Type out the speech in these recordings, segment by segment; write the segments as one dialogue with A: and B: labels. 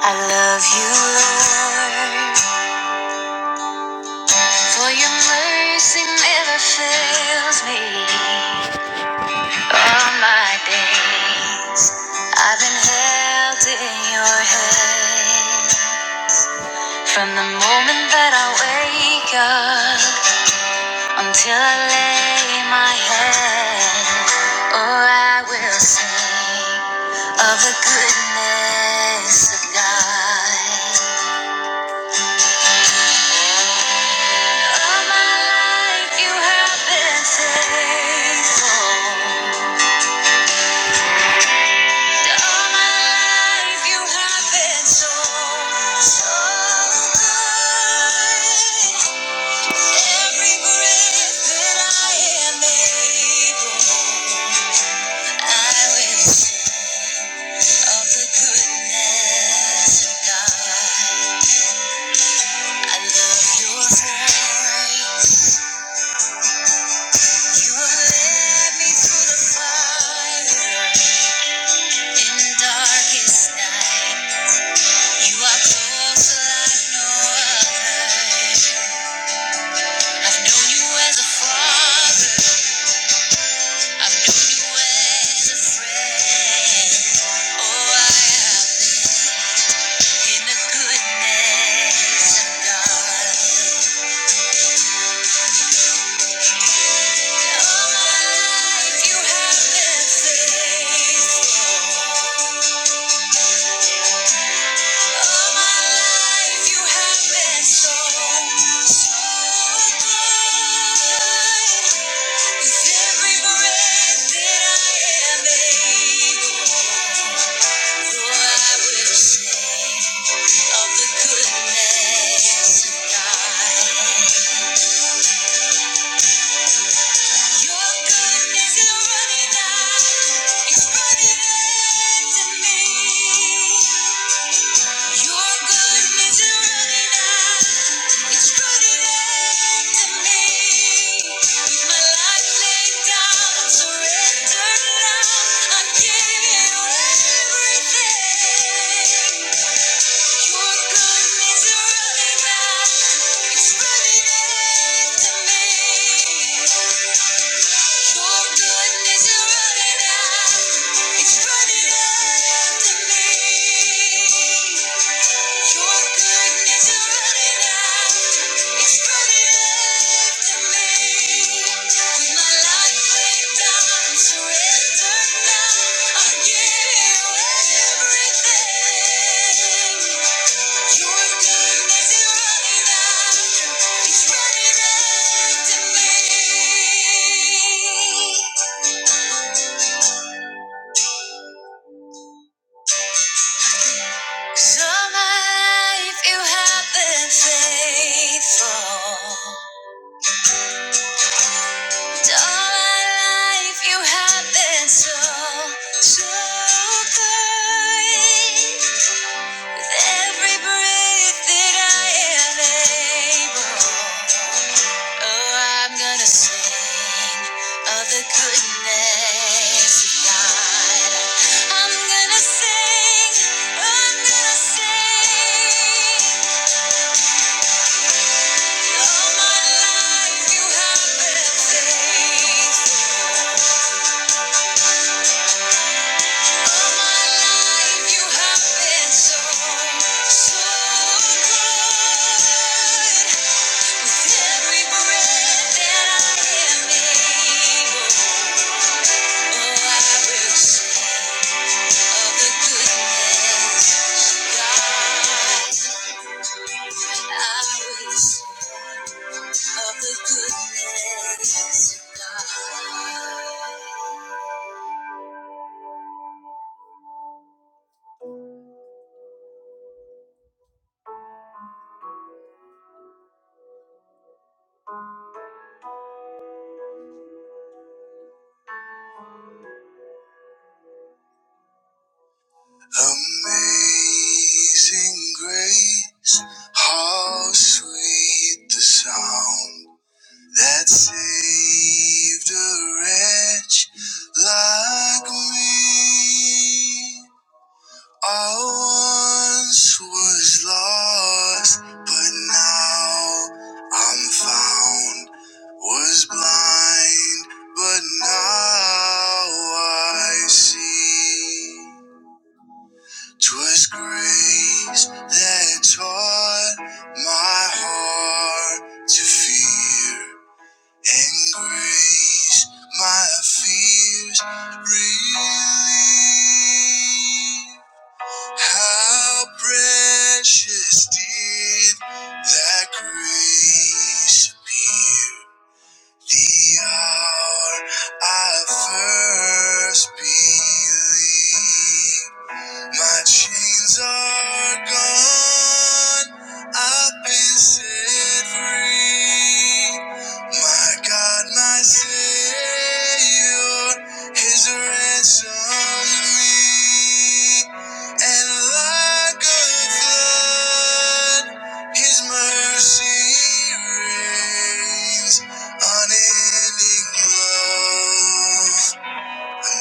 A: I love you, Lord, for your mercy never fails me. All my days I've been held in your hand. From the moment that I wake up until I lay my head, oh, I will sing of the goodness of God. All my life you have been faithful. All my life you have been so, so good. Every breath that I am able, I will sing of the goodness of God. I love your voice. You have led me through the fire. In the darkest night, you are closer like no other. I've known you as a father, I've known you as a friend. Oh, I have in the goodness of God. All my life you have been faithful. All my life you have been so, so good. Every breath that I am able, for I will sing of the goodness of God. Your goodness is running out, it's running after me. Your goodness is running out. It's running after me. With my life laid down, I surrender now. I'm you everything. Your goodness is running out. It's running after me. Your goodness is running out. It's running after me. Your goodness is running out. It's running after me. With my life. So my life you have been faithful. All my life you have been so, so good. With every breath that I am able, oh, I'm gonna sing of the goodness of God. I'm gonna sing, I'm gonna sing. All my life you have been faithful. All my life you have been so, so good. Amazing grace, how sweet the sound that saved a wretch like me. I once was lost, but now I'm found. Was blind, but now I see. 'Twas grace that taught my heart to fear, and grace my fears relieved. How precious did that grace appear the hour I first believed. My chains are gone. I've been set free. My God, my Savior, His ransomed me. And like a flood, His mercy reigns. Unending love,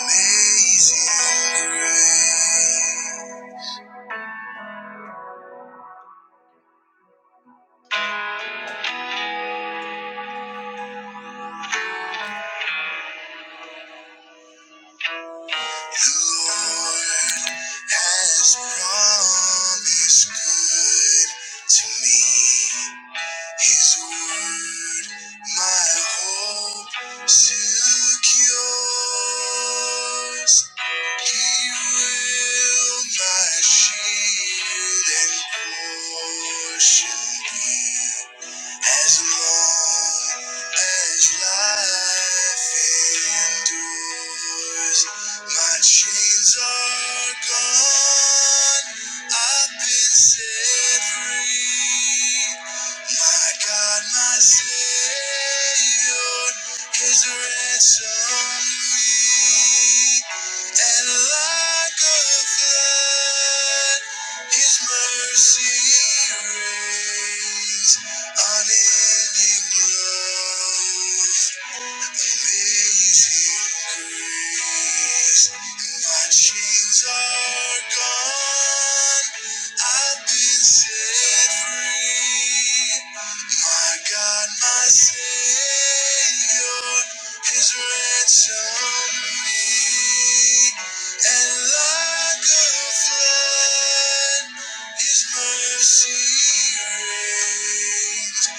A: amazing grace. Lord has promised good to me. His word, my hope secures. He will my shield and portion be. As long as life endures, my chains are gone. I've been set free. My God, my Savior, has ransomed me. And like a flood, His mercy rains unending love. His mercy reigns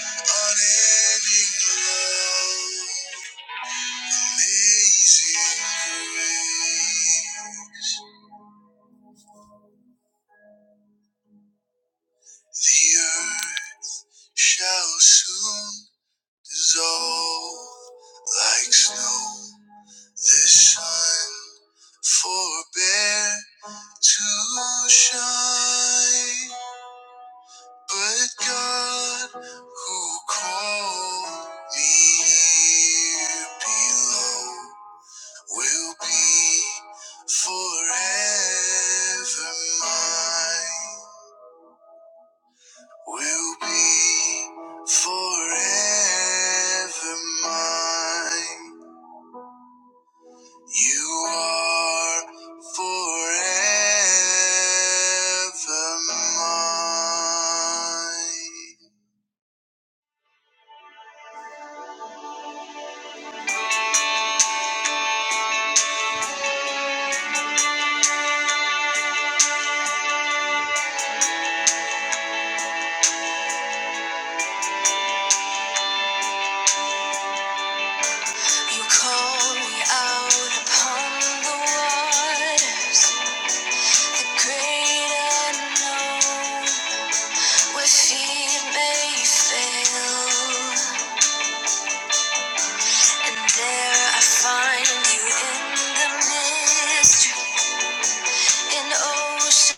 A: unending love. Amazing grace, the earth shall soon dissolve like snow. The sun forbear to shine, but God who called me here below will be forever mine. will be forever mine. You are forever mine. You call me out upon the waters, the great unknown, where feet may fail, and there I find you in the mystery. It's ocean.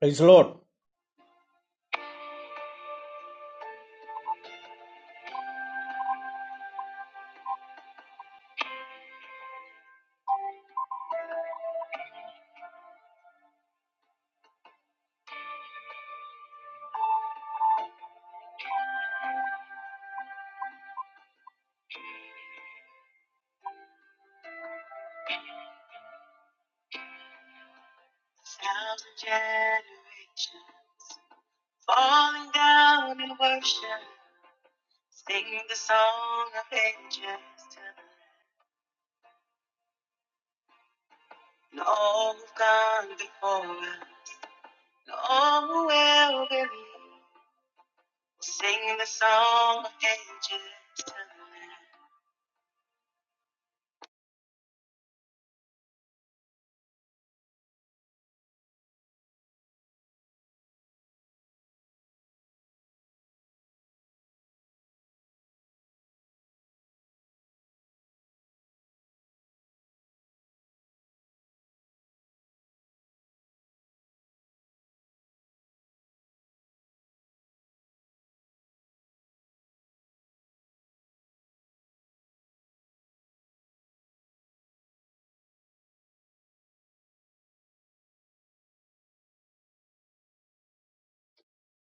B: Praise the Lord.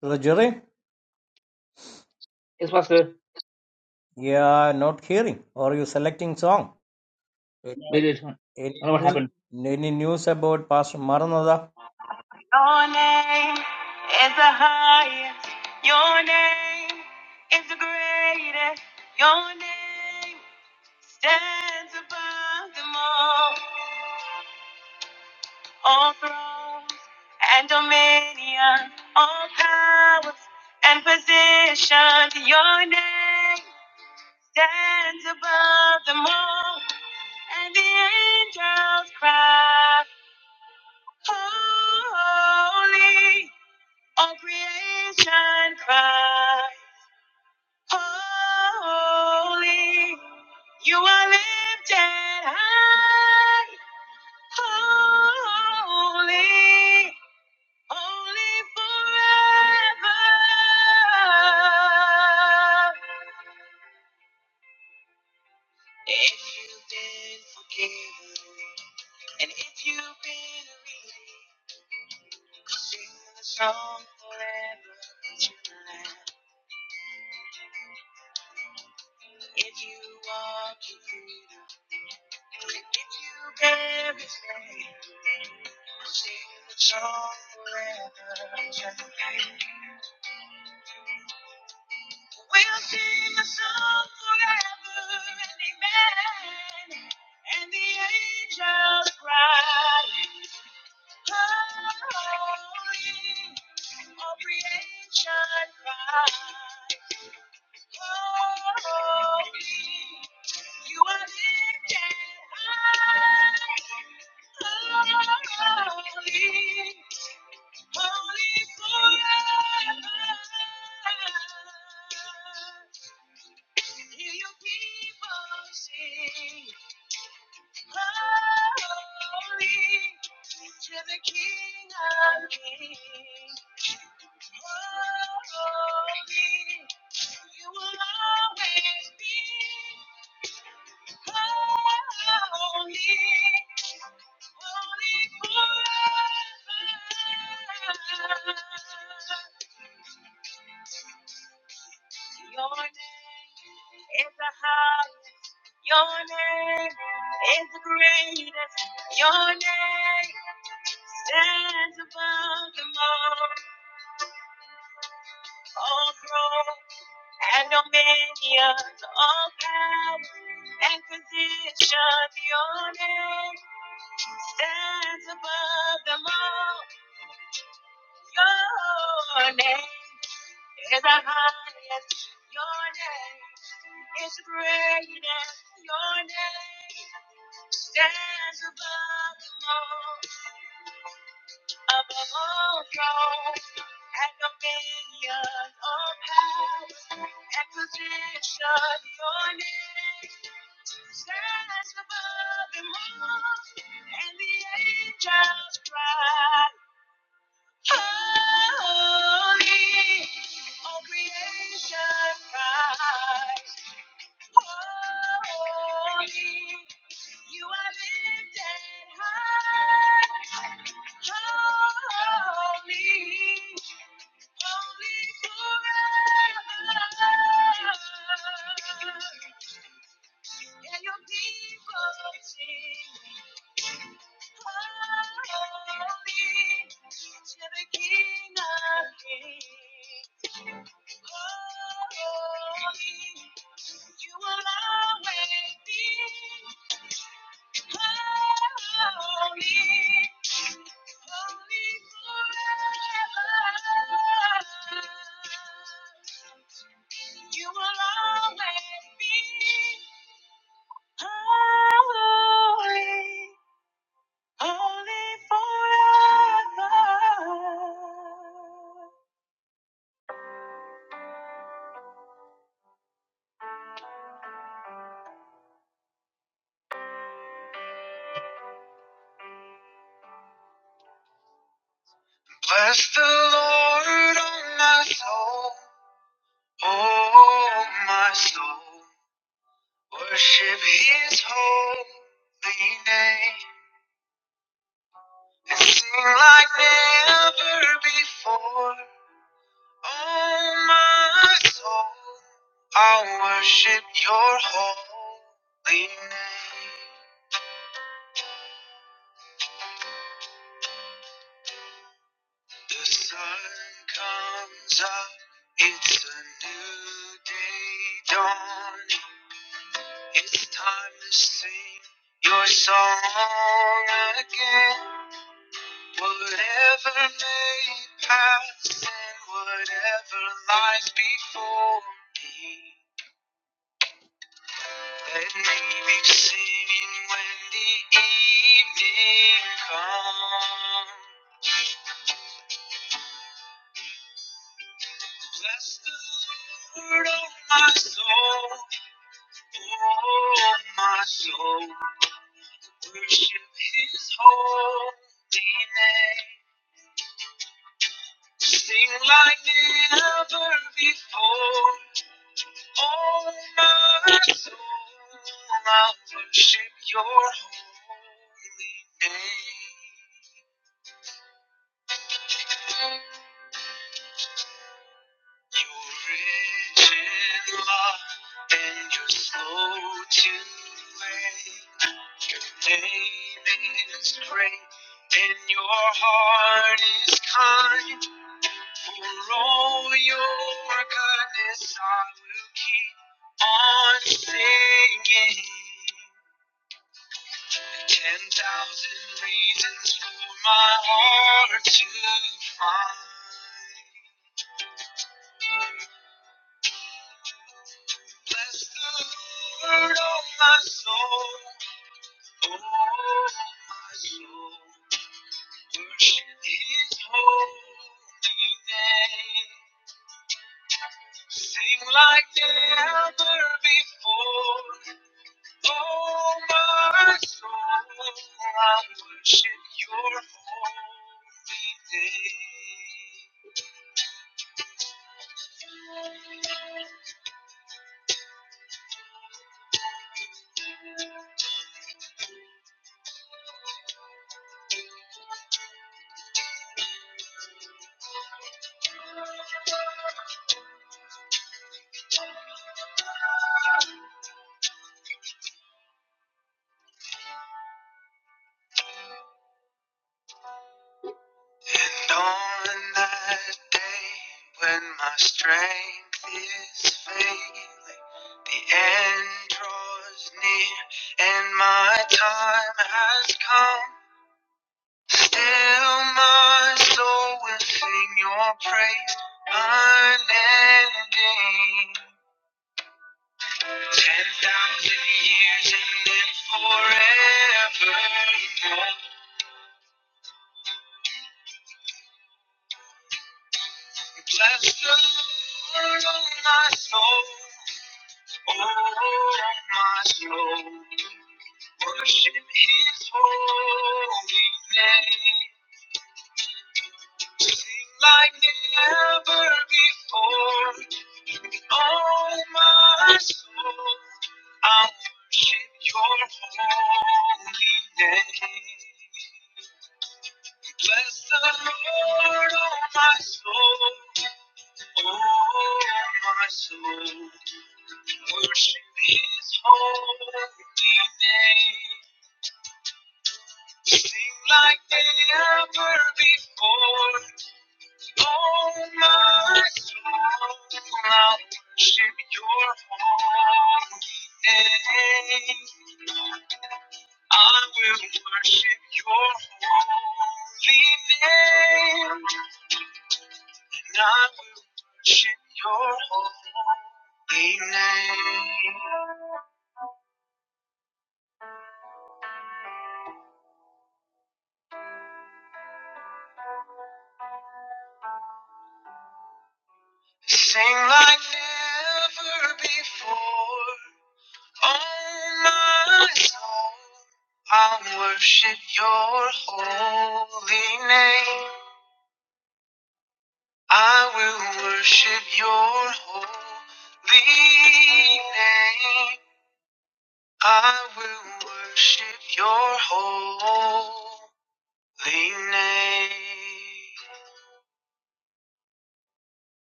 B: Brother Jerry,
A: Yes, Pastor.
B: yeah, not hearing. Or you selecting song? Any,
A: Wait, wait. I
B: any
A: don't know what
B: news?
A: happened.
B: Any news about Pastor Maranatha?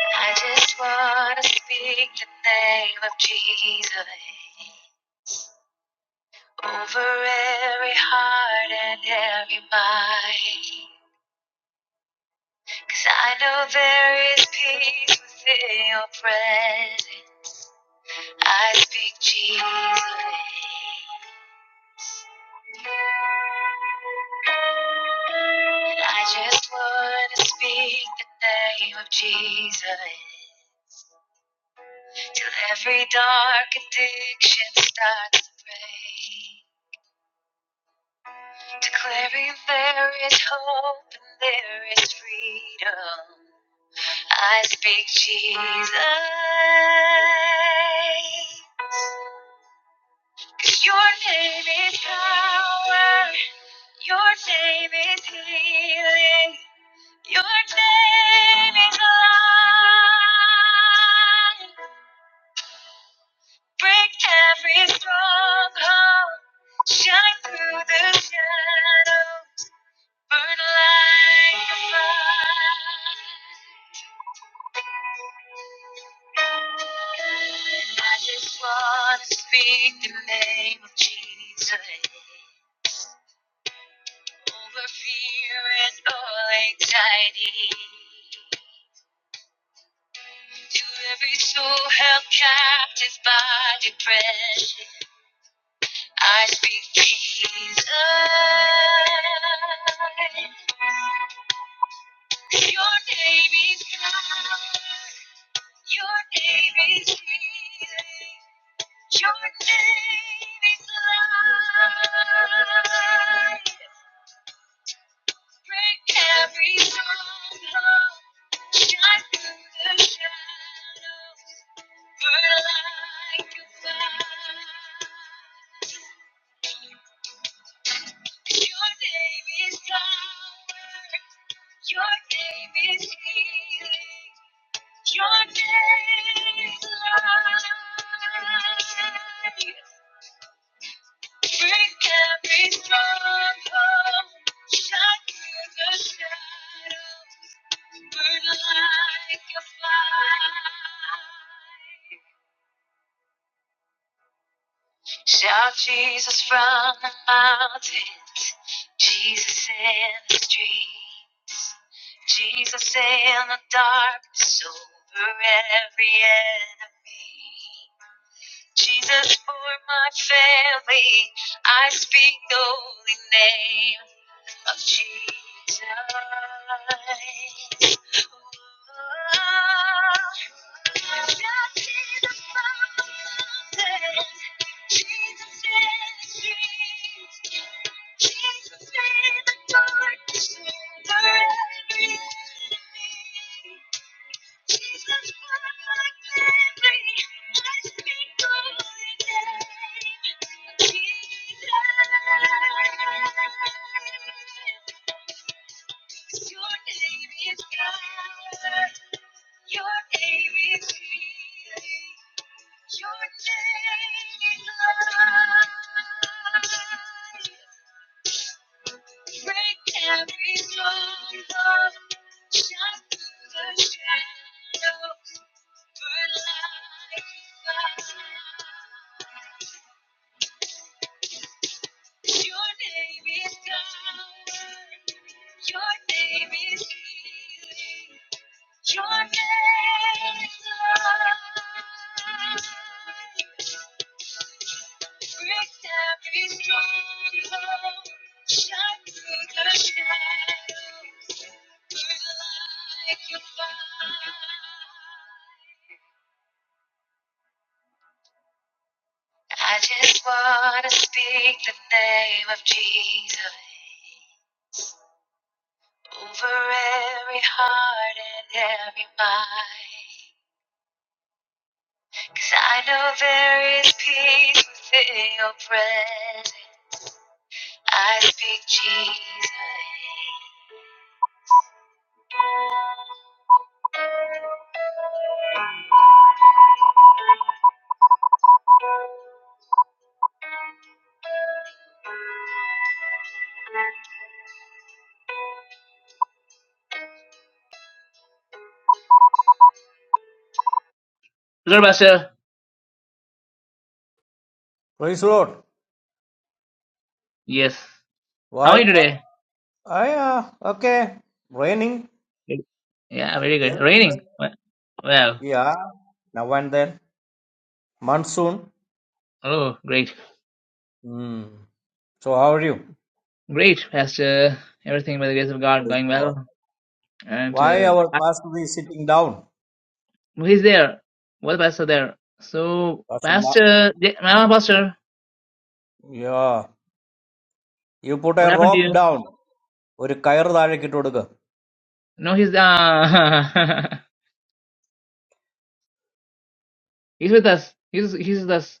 A: I just wanna speak the name of Jesus over every heart and every mind. Cause I know there is peace within your presence. I speak Jesus. name. And I just want to speak the name of Jesus. Till every dark addiction starts to break. Declaring there is hope and there is freedom. I speak Jesus. Your name is power. Your name is healing. Your name is light. Break every stronghold. Shine through the shadows. Burn like a fire. I just want to speak the name of Jesus. over fear and all anxiety. To every soul held captive by depression, I speak Jesus. Your name is God. Your name is healing. Your name is life. Break every stronghold. Shine through the shadows. Burn like a fire. Your name is power. Your name is healing. Your name is life. Break every stronghold. Shine through the shadows. Burn like a fire. Shout Jesus from the mountains, Jesus in the streets, Jesus in the darkness over every enemy. Jesus for my family, I speak the holy name of Jesus. Lord Pastor,
B: Praise the Lord.
A: yes. How
B: Why?
A: are you today?
B: Ah, yeah, okay. Raining.
A: Yeah, very good. Raining.
B: well?
A: Well, well,
B: Yeah, now and then. Monsoon.
A: oh, great,
B: Hmm. So how are you?
A: great, Pastor. Everything by the grace of God
B: Praise
A: going
B: God.
A: well, and
B: Why
A: uh,
B: our
A: I-
B: pastor is sitting down?
A: he's there. What pastor there? So,
B: Pastor Ma-
A: Pastor, J- my pastor,
B: yeah. You put a
A: what happened to
B: rope
A: you?
B: down. ഒരു കയർ താഴേക്ക് ഇട്ട് കൊടുക്കുക
A: No, he's uh, he's with us. He's he's with us.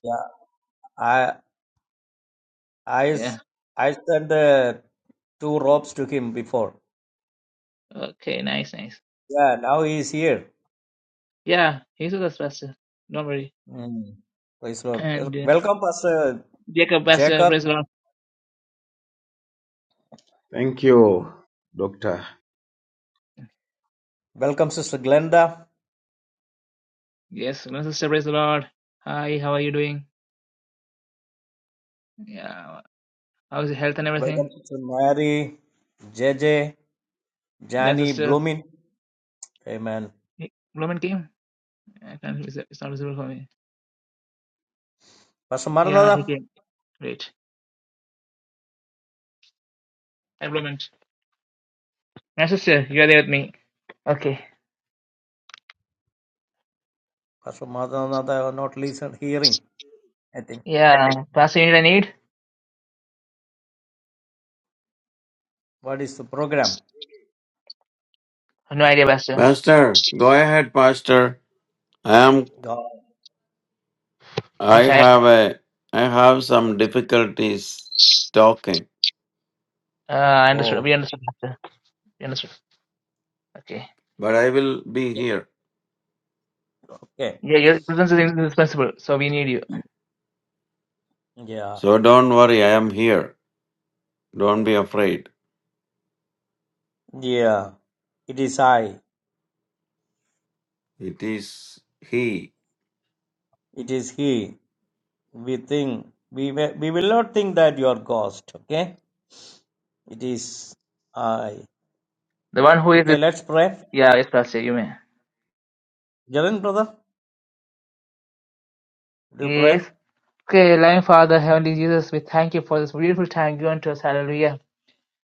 B: I, s-
A: Yeah.
B: I sent the two ropes to him before.
A: Okay. Nice, nice.
B: Yeah, now he is here.
A: Yeah, he's with us, Pastor. Don't worry.
B: Mm. Praise Lord.
A: And
B: Wel-
A: uh,
B: Welcome, Pastor
A: Jacob, Pastor,
B: Jacob.
A: praise the Lord.
C: Thank you, Doctor.
B: Welcome, Sister Glenda.
A: Yes, my sister, praise the Lord. Hi, how are you doing? Yeah. How's your health and
B: Welcome,
A: everything?
B: Sister Mary, J J.
A: Then
B: Jani,
A: sister
B: Bloomin. Amen.
A: he- Blument came. I can't, it's it's not visible for me.
B: Pastor
A: Yeah, he
B: Maranatha.
A: came. Great. Hi Blument. Yeah, sister, you are there with me. Okay.
B: Pastor Maranatha are not listen, hearing, I think.
A: Yeah, Pastor, you need a need?
B: What is the program?
A: No idea, Pastor.
D: Pastor, go ahead, Pastor. I am
B: No.
D: I
A: I'm tired.
D: have a I have some difficulties talking,
A: Uh, I understood.
B: Oh,
A: We understood, Pastor. We understood. Okay.
D: but I will be here.
B: okay.
A: Yeah, your presence is indispensable, so we need you.
B: Yeah.
D: So don't worry, I am here. Don't be afraid.
B: Yeah. It is I.
D: It is he.
B: It is He. we think we will, we will not think that you are ghost okay it is i
A: The one who is
B: okay
A: with.
B: let's pray
A: Yeah, yes, Pastor, you may.
B: jerin brother do you pray
A: Yes. Okay, Lion Father, Heavenly Jesus, we thank you for this beautiful time given to us. Hallelujah.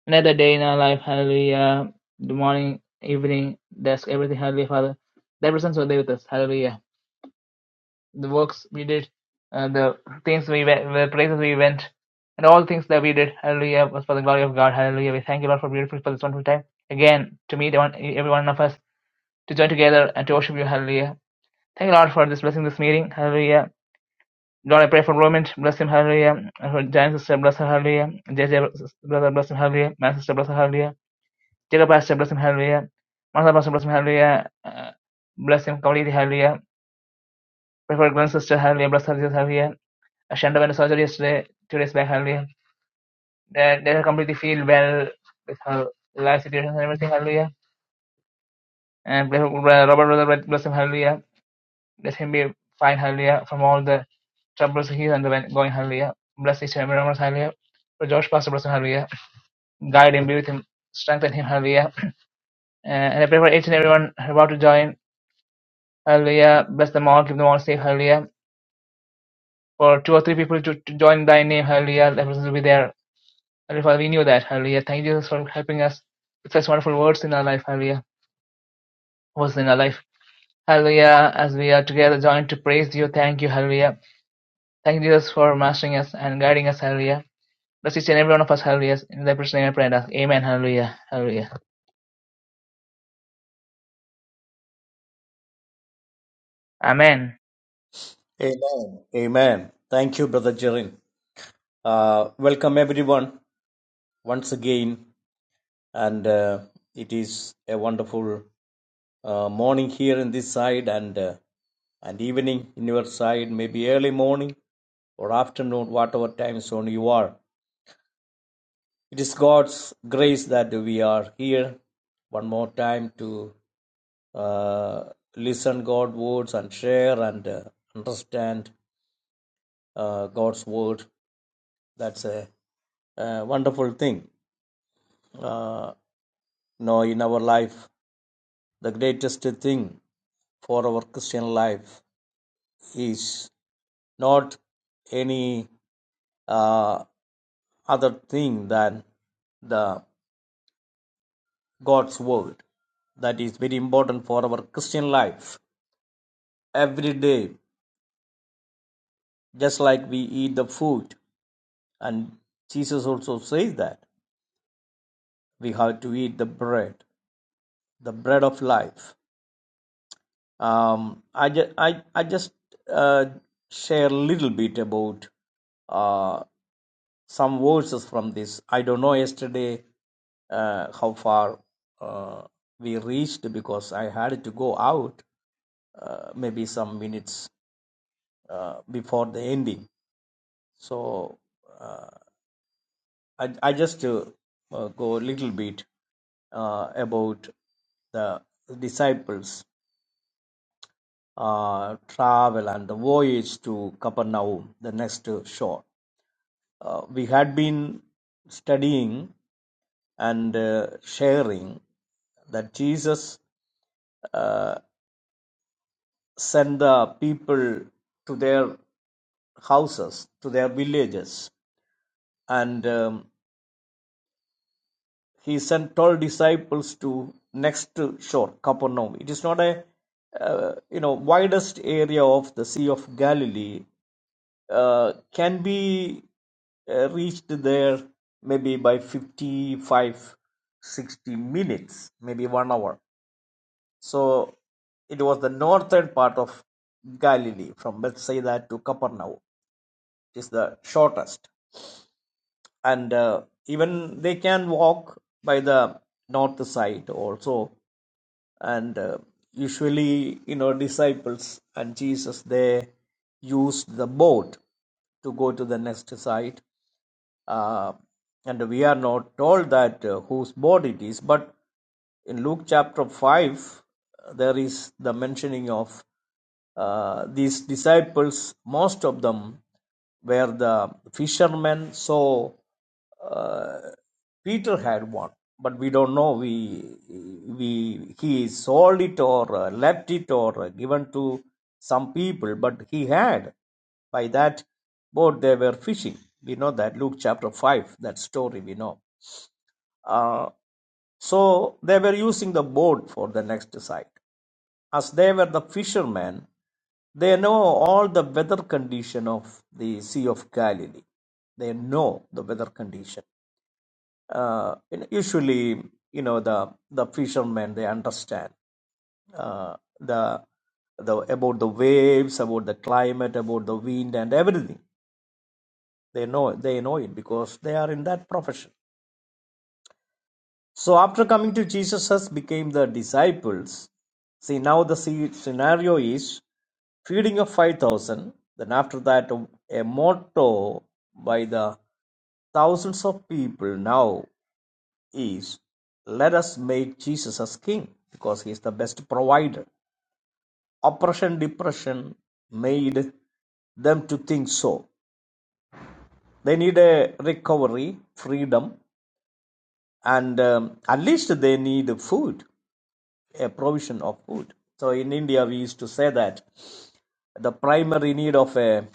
A: Another day in our life, hallelujah. The morning, evening, dusk, everything, hallelujah, Father. Thy presence will be with us, hallelujah. The works we did, uh, the things we went, the places we went, and all things that we did, hallelujah, was for the glory of God, hallelujah. We thank you, Lord, for beautiful, for this wonderful time. Again, to meet everyone every one of us, to join together and to worship you, hallelujah. Thank you, Lord, for this blessing, this meeting, hallelujah. Lord, I pray for Roman, bless him, hallelujah. And For Giant sister, bless her, hallelujah. JJ, brother, bless him, hallelujah. My sister, bless her, hallelujah. Jacob Astor, bless him, hallelujah. Martha Pastor, bless him, hallelujah. Uh, bless him completely, hallelujah. Pray for Glenn sister, hallelujah. Bless her, Jesus, hallelujah. Uh, Shanda went to surgery yesterday, two days back, hallelujah. Let let completely feel well with her life situations and everything, hallelujah. And pray for, uh, Robert, brother, bless him, hallelujah. Let him be fine, hallelujah, from all the troubles he's undergoing, hallelujah. Bless each and every one of us, hallelujah. For Josh Pastor, bless him, hallelujah. Guide him, be with him, strengthen him, hallelujah. Uh, and I pray for each and everyone about to join. Hallelujah. Bless them all. Give them all. safe hallelujah. For two or three people to, to join thy name. Hallelujah. That presence will be there. Hallelujah. Father, we knew that. Hallelujah. Thank you, Jesus, for helping us with such wonderful words in our life. Hallelujah. Words in our life. Hallelujah. As we are together joined to praise you. Thank you. Hallelujah. Thank you, Jesus, for mastering us and guiding us. Hallelujah. Bless each and every one of us. Hallelujah. In thy precious name I pray. and ask. Amen. Hallelujah. Hallelujah. Amen.
B: amen amen thank you brother jerin uh, welcome everyone once again and uh, it is a wonderful uh, morning here in this side and uh, and evening in your side maybe early morning or afternoon whatever time zone you are It is God's grace that we are here one more time to uh, listen God's words and share and uh, understand uh, God's word. That's a, uh wonderful thing. Uh, no, in our life, the greatest thing for our Christian life is not any uh, other thing than the God's word. That is very important for our Christian life. Every day just like we eat the food and jesus also says that we have to eat the bread the bread of life um, I, ju- I, I just uh, share a little bit about uh, some verses from this i don't know yesterday uh, how far uh, we reached because i had to go out uh, maybe some minutes uh, before the ending so uh, I, I just uh, uh, go a little bit uh, about the disciples' uh, travel and the voyage to Capernaum, the next uh, shore. Uh, we had been studying and uh, sharing that Jesus uh, sent the people to their houses, to their villages, and. um, he sent 12 disciples to next shore capernaum it is not a uh, you know widest area of the sea of galilee uh, can be uh, reached there maybe by 55, 60 minutes maybe one hour so it was the northern part of galilee from bethsaida to capernaum it is the shortest and uh, even they can walk by the north side also and uh, usually you know disciples and jesus they used the boat to go to the next side uh, and we are not told that uh, whose boat it is but in luke chapter 5 there is the mentioning of uh, these disciples most of them where the fishermen saw uh, Peter had one, but we don't know. We we he sold it or uh, left it or uh, given to some people, but he had by that boat they were fishing. We know that Luke chapter five that story we know. Uh, so they were using the boat for the next sight. As they were the fishermen, they know all the weather condition of the Sea of Galilee. They know the weather condition. Uh, usually, you know, the, the fishermen, they understand uh, the, the, about the waves, about the climate, about the wind and everything. They know, they know it because they are in that profession. So after coming to Jesus has became the disciples. See now the scenario is feeding of 5000 then after that a motto by the thousands of people now is let us make Jesus as king because he is the best provider. Oppression, depression made them to think so. They need a recovery, freedom, and um, at least they need food. a provision of food. So in India, we used to say that the primary need of a,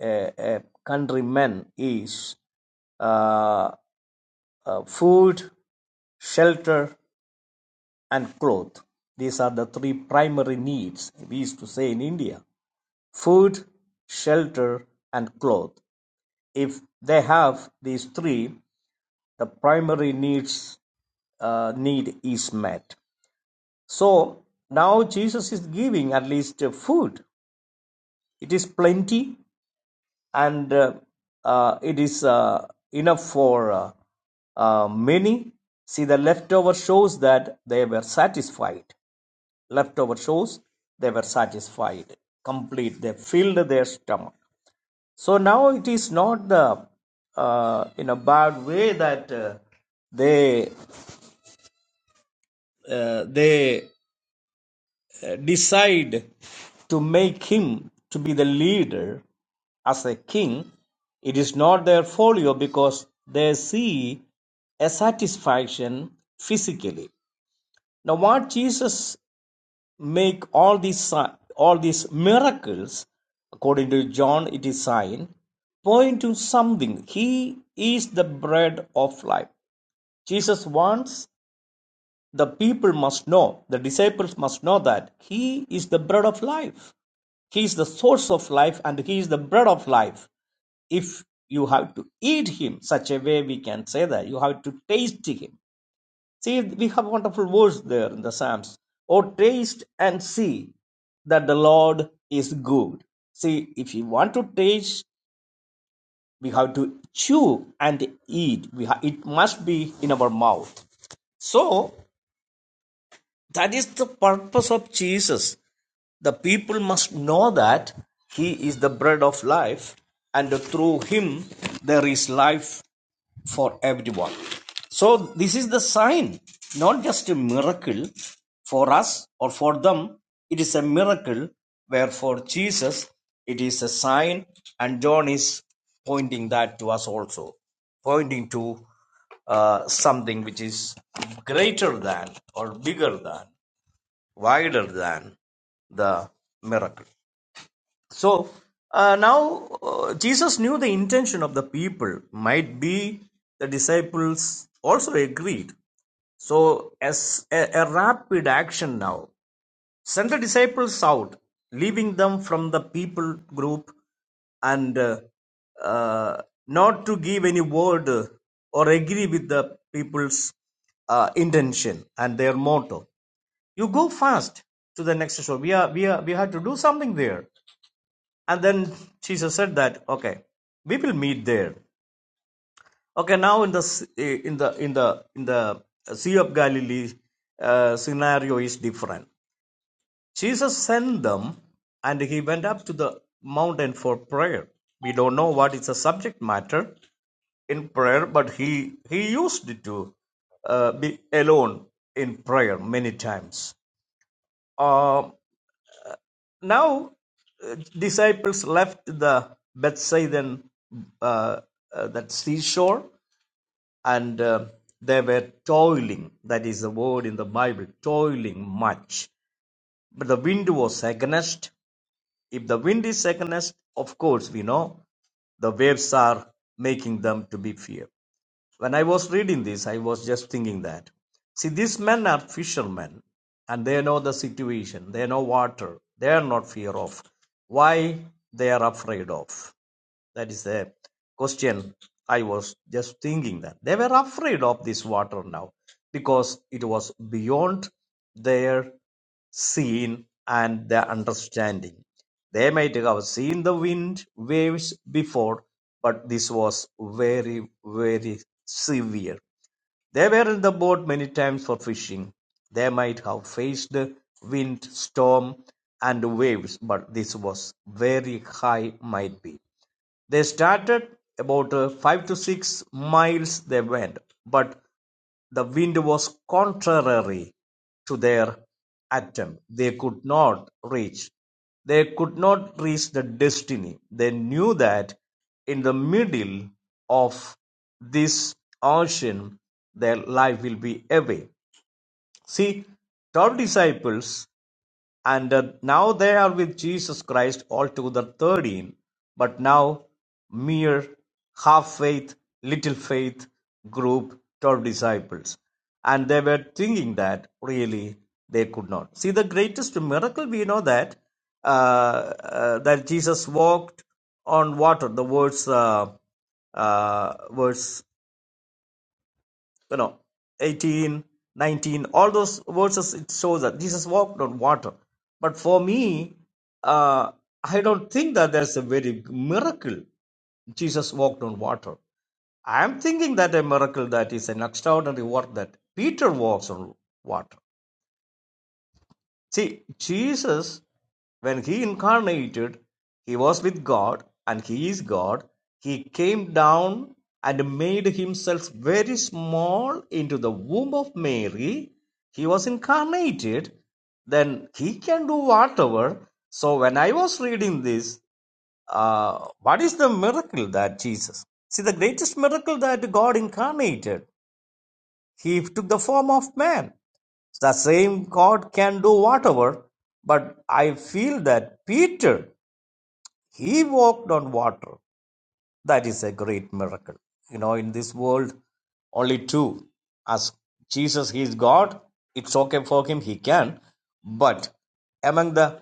B: a, a countryman is uh, uh, food, shelter, and cloth. These are the three primary needs we used to say in India food, shelter, and cloth. If they have these three, the primary needs uh, need is met. So now Jesus is giving at least uh, food. It is plenty and uh, uh, it is uh, enough for uh, uh, many. See, the leftover shows that they were satisfied. Leftover shows they were satisfied, complete. They filled their stomach. So now it is not the uh, in a bad way that uh, they uh, they decide to make him to be the leader as a king, it is not their folio because they see a satisfaction physically. Now, what Jesus make all these si- all these miracles, according to John, it is sign, point to something. He is the bread of life. Jesus wants the people must know, the disciples must know that He is the bread of life. He is the source of life and He is the bread of life. If you have to eat Him, such a way we can say that, you have to taste Him. See, we have wonderful words there in the Psalms. Oh, taste and see that the Lord is good. See, if you want to taste, we have to chew and eat. We ha- it must be in our mouth. So That is the purpose of Jesus. The people must know that He is the bread of life, and through Him there is life for everyone. So, this is the sign, not just a miracle for us or for them. It is a miracle where for Jesus it is a sign, and John is pointing that to us also, pointing to uh, something which is greater than or bigger than wider than the miracle. So uh, now uh, Jesus knew the intention of the people, might be the disciples also agreed. So, as a, a rapid action now, send the disciples out, leaving them from the people group and uh, uh, not to give any word uh, or agree with the people's uh, intention and their motto you go fast to the next shore we are we are we had to do something there and then jesus said that okay we will meet there okay now in the eh, in the in the in the sea of galilee uh, scenario is different jesus sent them and he went up to the mountain for prayer we don't know what is the subject matter in prayer, but he he used it to uh, be alone in prayer many times. Uh, Now uh, disciples left the Bethsaida and uh, uh, that seashore and uh, they were toiling. That is the word in the Bible, toiling much. But the wind was against. If the wind is against, of course we know the waves are making them to be fear. When I was reading this, I was just thinking that. See, these men are fishermen and they know the situation, they know water, they are not fear of. Why they are afraid of? That is a question I was just thinking that they were afraid of this water now because it was beyond their seeing and their understanding. They might have seen the wind waves before, but this was very, very severe. They were in the boat many times for fishing. They might have faced wind, storm, and waves, but this was very high, might be. They started about uh, five to six miles they went, but the wind was contrary to their attempt. They could not reach. They could not reach the destiny. They knew that in the middle of this ocean, their life will be away. See, 12 disciples and uh, now they are with Jesus Christ altogether thirteen, but now mere half faith, little faith group, 12 disciples. And they were thinking that really they could not. See, the greatest miracle we know that uh, uh, that Jesus walked on water. The words uh, uh, verse you know 18, 19, all those verses it shows that jesus walked on water but for me uh, i don't think that there's a very miracle jesus walked on water i'm thinking that a miracle that is an extraordinary work that peter walks on water See, Jesus, when he incarnated, he was with God and he is God. He came down and made himself very small into the womb of Mary. He was incarnated. Then he can do whatever. So when I was reading this, uh, what is the miracle that Jesus? See, the greatest miracle that God incarnated he took the form of man. The same God can do whatever, but I feel that Peter, he walked on water. That is a great miracle. You know, in this world, only two. As Jesus, he is God, it's okay for him, he can. But among the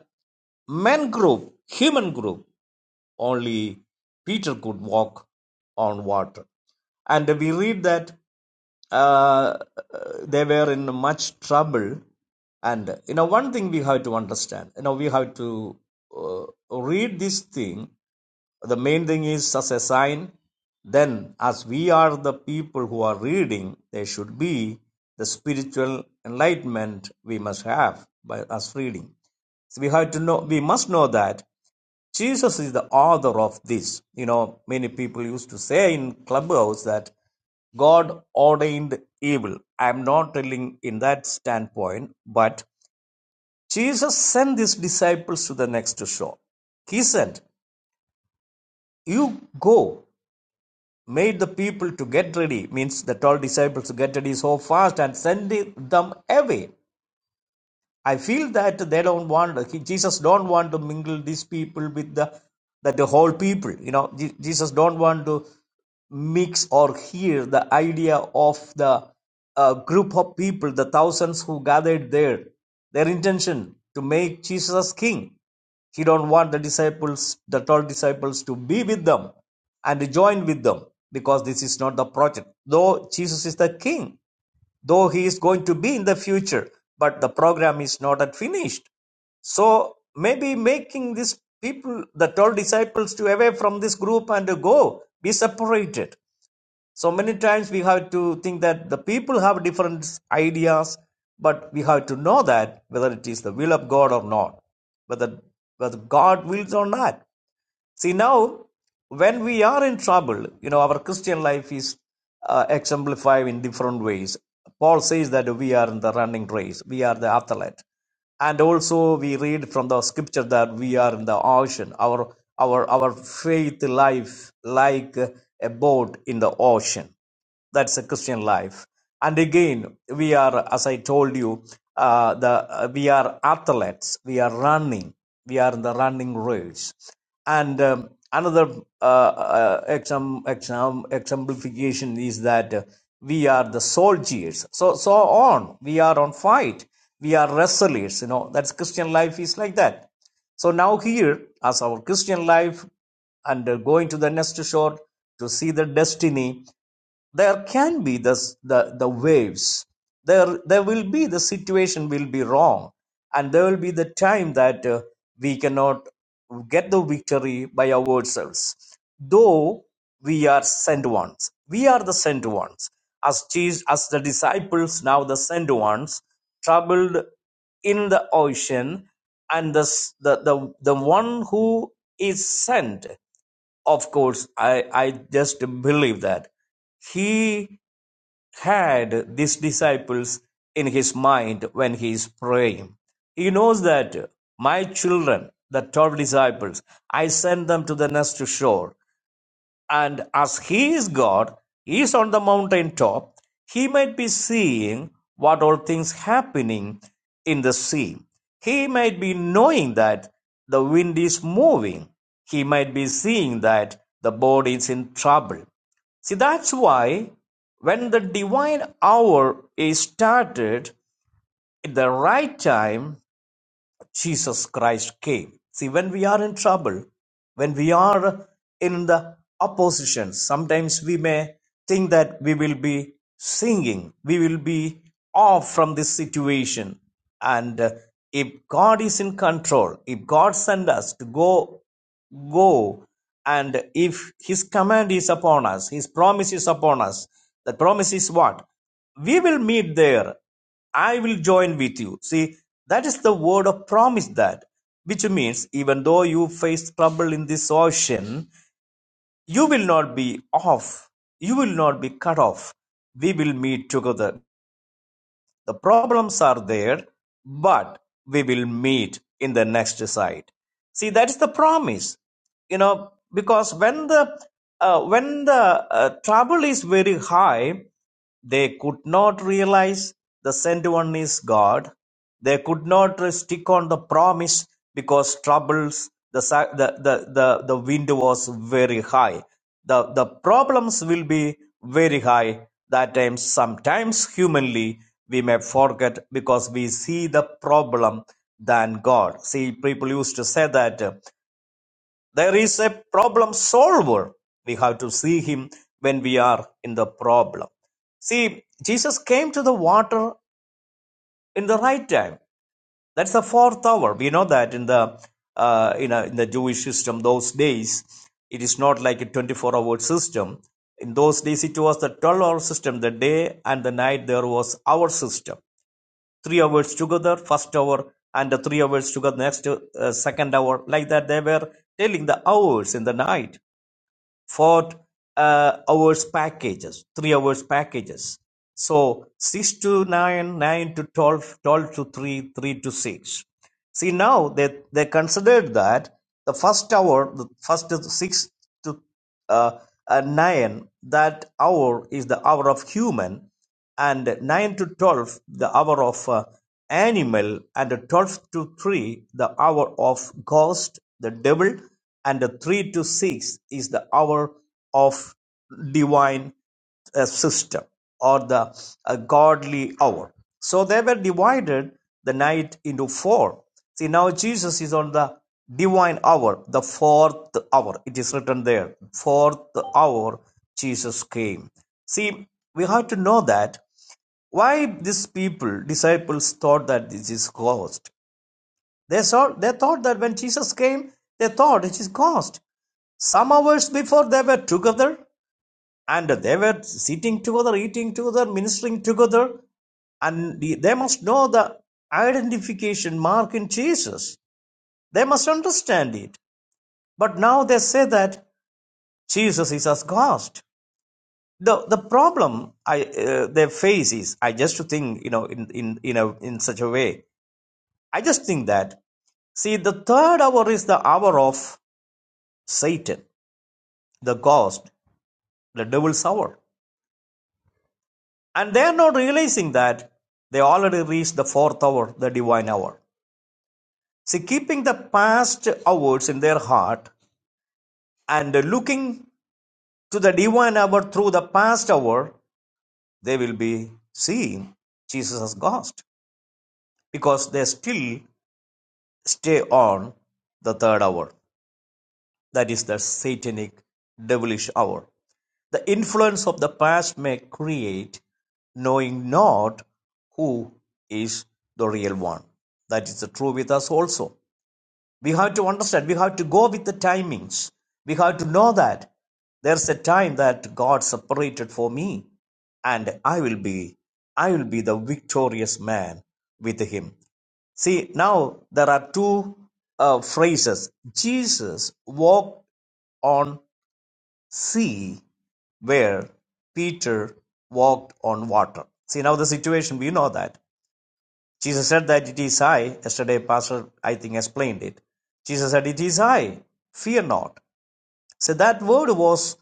B: men group, human group only Peter could walk on water. And we read that uh, they were in much trouble. And you know, one thing we have to understand, you know, we have to uh, read this thing. The main thing is as a sign. Then, as we are the people who are reading, there should be the spiritual enlightenment we must have by us reading. So we have to know, we must know that. Jesus is the author of this. You know, many people used to say in clubhouse that God ordained evil. I'm not telling in that standpoint, but Jesus sent these disciples to the next shore. He said, You go, made the people to get ready, means the 12 disciples to get ready so fast and send them away. I feel that they don't want Jesus don't want to mingle these people with the that the whole people. You know, Je- Jesus don't want to mix or hear the idea of the uh, group of people, the thousands who gathered there. Their intention to make Jesus king. He don't want the disciples, the twelve disciples, to be with them and join with them because this is not the project. Though Jesus is the king, though he is going to be in the future but the program is not at finished so maybe making these people the 12 disciples to away from this group and to go be separated so many times we have to think that the people have different ideas but we have to know that whether it is the will of god or not whether whether god wills or not See, now when we are in trouble, you know, our Christian life is uh, exemplified in different ways. Paul says that we are in the running race, we are the athlete. And also we read from the scripture that we are in the ocean, our our our faith life like a boat in the ocean. That's a Christian life. And again, we are, as I told you, uh, the uh, we are athletes. We are running. We are in the running race. And um, another uh, uh, exam, exam, exemplification is that uh, we are the soldiers. So so on. We are on fight. We are wrestlers. You know that's Christian life is like that. So now here, as our Christian life and uh, going to the next shore to see the destiny there can be the, the, the waves there there will be the situation will be wrong and there will be the time that uh, we cannot get the victory by ourselves though we are sent ones we are the sent ones as Jesus, as the disciples now the sent ones troubled in the ocean and the, the the the one who is sent of course i i just believe that he had these disciples in his mind when he is praying he knows that my children the 12 disciples i send them to the next shore and as he is God, he is on the mountaintop, he might be seeing what all things happening in the sea. He might be knowing that the wind is moving. He might be seeing that the boat is in trouble. See, that's why when the divine hour is started at the right time, Jesus Christ came. See, when we are in trouble, when we are in the opposition, sometimes we may think that we will be singing, we will be off from this situation. And uh, if God is in control, if God sent us to go Go, and if his command is upon us, his promise is upon us. The promise is what? We will meet there. I will join with you. See, that is the word of promise that, which means even though you face trouble in this ocean, you will not be off. You will not be cut off. We will meet together. The problems are there, but we will meet in the next side. See, that's the promise you know because when the uh, when the uh, trouble is very high they could not realize the sent one is god they could not stick on the promise because troubles, the, sa- the, the, the, the wind was very high. The, the problems will be very high. That time, sometimes humanly, we may forget because we see the problem than God. See, people used to say that uh, there is a problem solver. We have to see him when we are in the problem. See, Jesus came to the water in the right time. That's the fourth hour. We know that in the uh, in, a, in the Jewish system, those days, it is not like a 24-hour system. In those days, it was the 12-hour system. The day and the night there was our system. Three hours together, first hour, and the three hours together next uh, second hour. Like that, they were telling the hours in the night for uh, hours packages, three hours packages. So six to nine, nine to 12, 12 to three, three to six. See now they, they considered that the first hour, the first six to uh, uh, nine, that hour is the hour of human, and nine to twelve the hour of uh, animal, and twelve to three the hour of ghost, the devil, and the three to six is the hour of divine uh, system or the uh, godly hour. So they were divided the night into four. See, now Jesus is on the divine hour, the fourth hour. It is written there, fourth hour Jesus came. See, we have to know that why these people, disciples, thought that this is ghost. They, saw, they thought that when Jesus came, they thought it is ghost. Some hours before they were together and they were sitting together, eating together, ministering together, and they must know the identification mark in Jesus. They must understand it. But now they say that Jesus is a ghost. The, the problem I, uh, they face is, I just think, you know, in, in, in, a, in such a way, I just think that See, the third hour is the hour of Satan, the ghost, the devil's hour. And they are not realizing that they already reached the fourth hour, the divine hour. See, keeping the past hours in their heart and looking to the divine hour through the past hour, they will be seeing Jesus as ghost because they still stay on the third hour. That is the satanic devilish hour. The influence of the past may create knowing not who is the real one. That is the true with us also. We have to understand, we have to go with the timings. We have to know that there's a time that God separated for me, and I will be, I will be the victorious man with him. See, now there are two uh, phrases. Jesus walked on sea where Peter walked on water. See, now the situation, we know that. Jesus said that it is I. Yesterday, Pastor, I think, explained it. Jesus said, It is I. Fear not. So that word was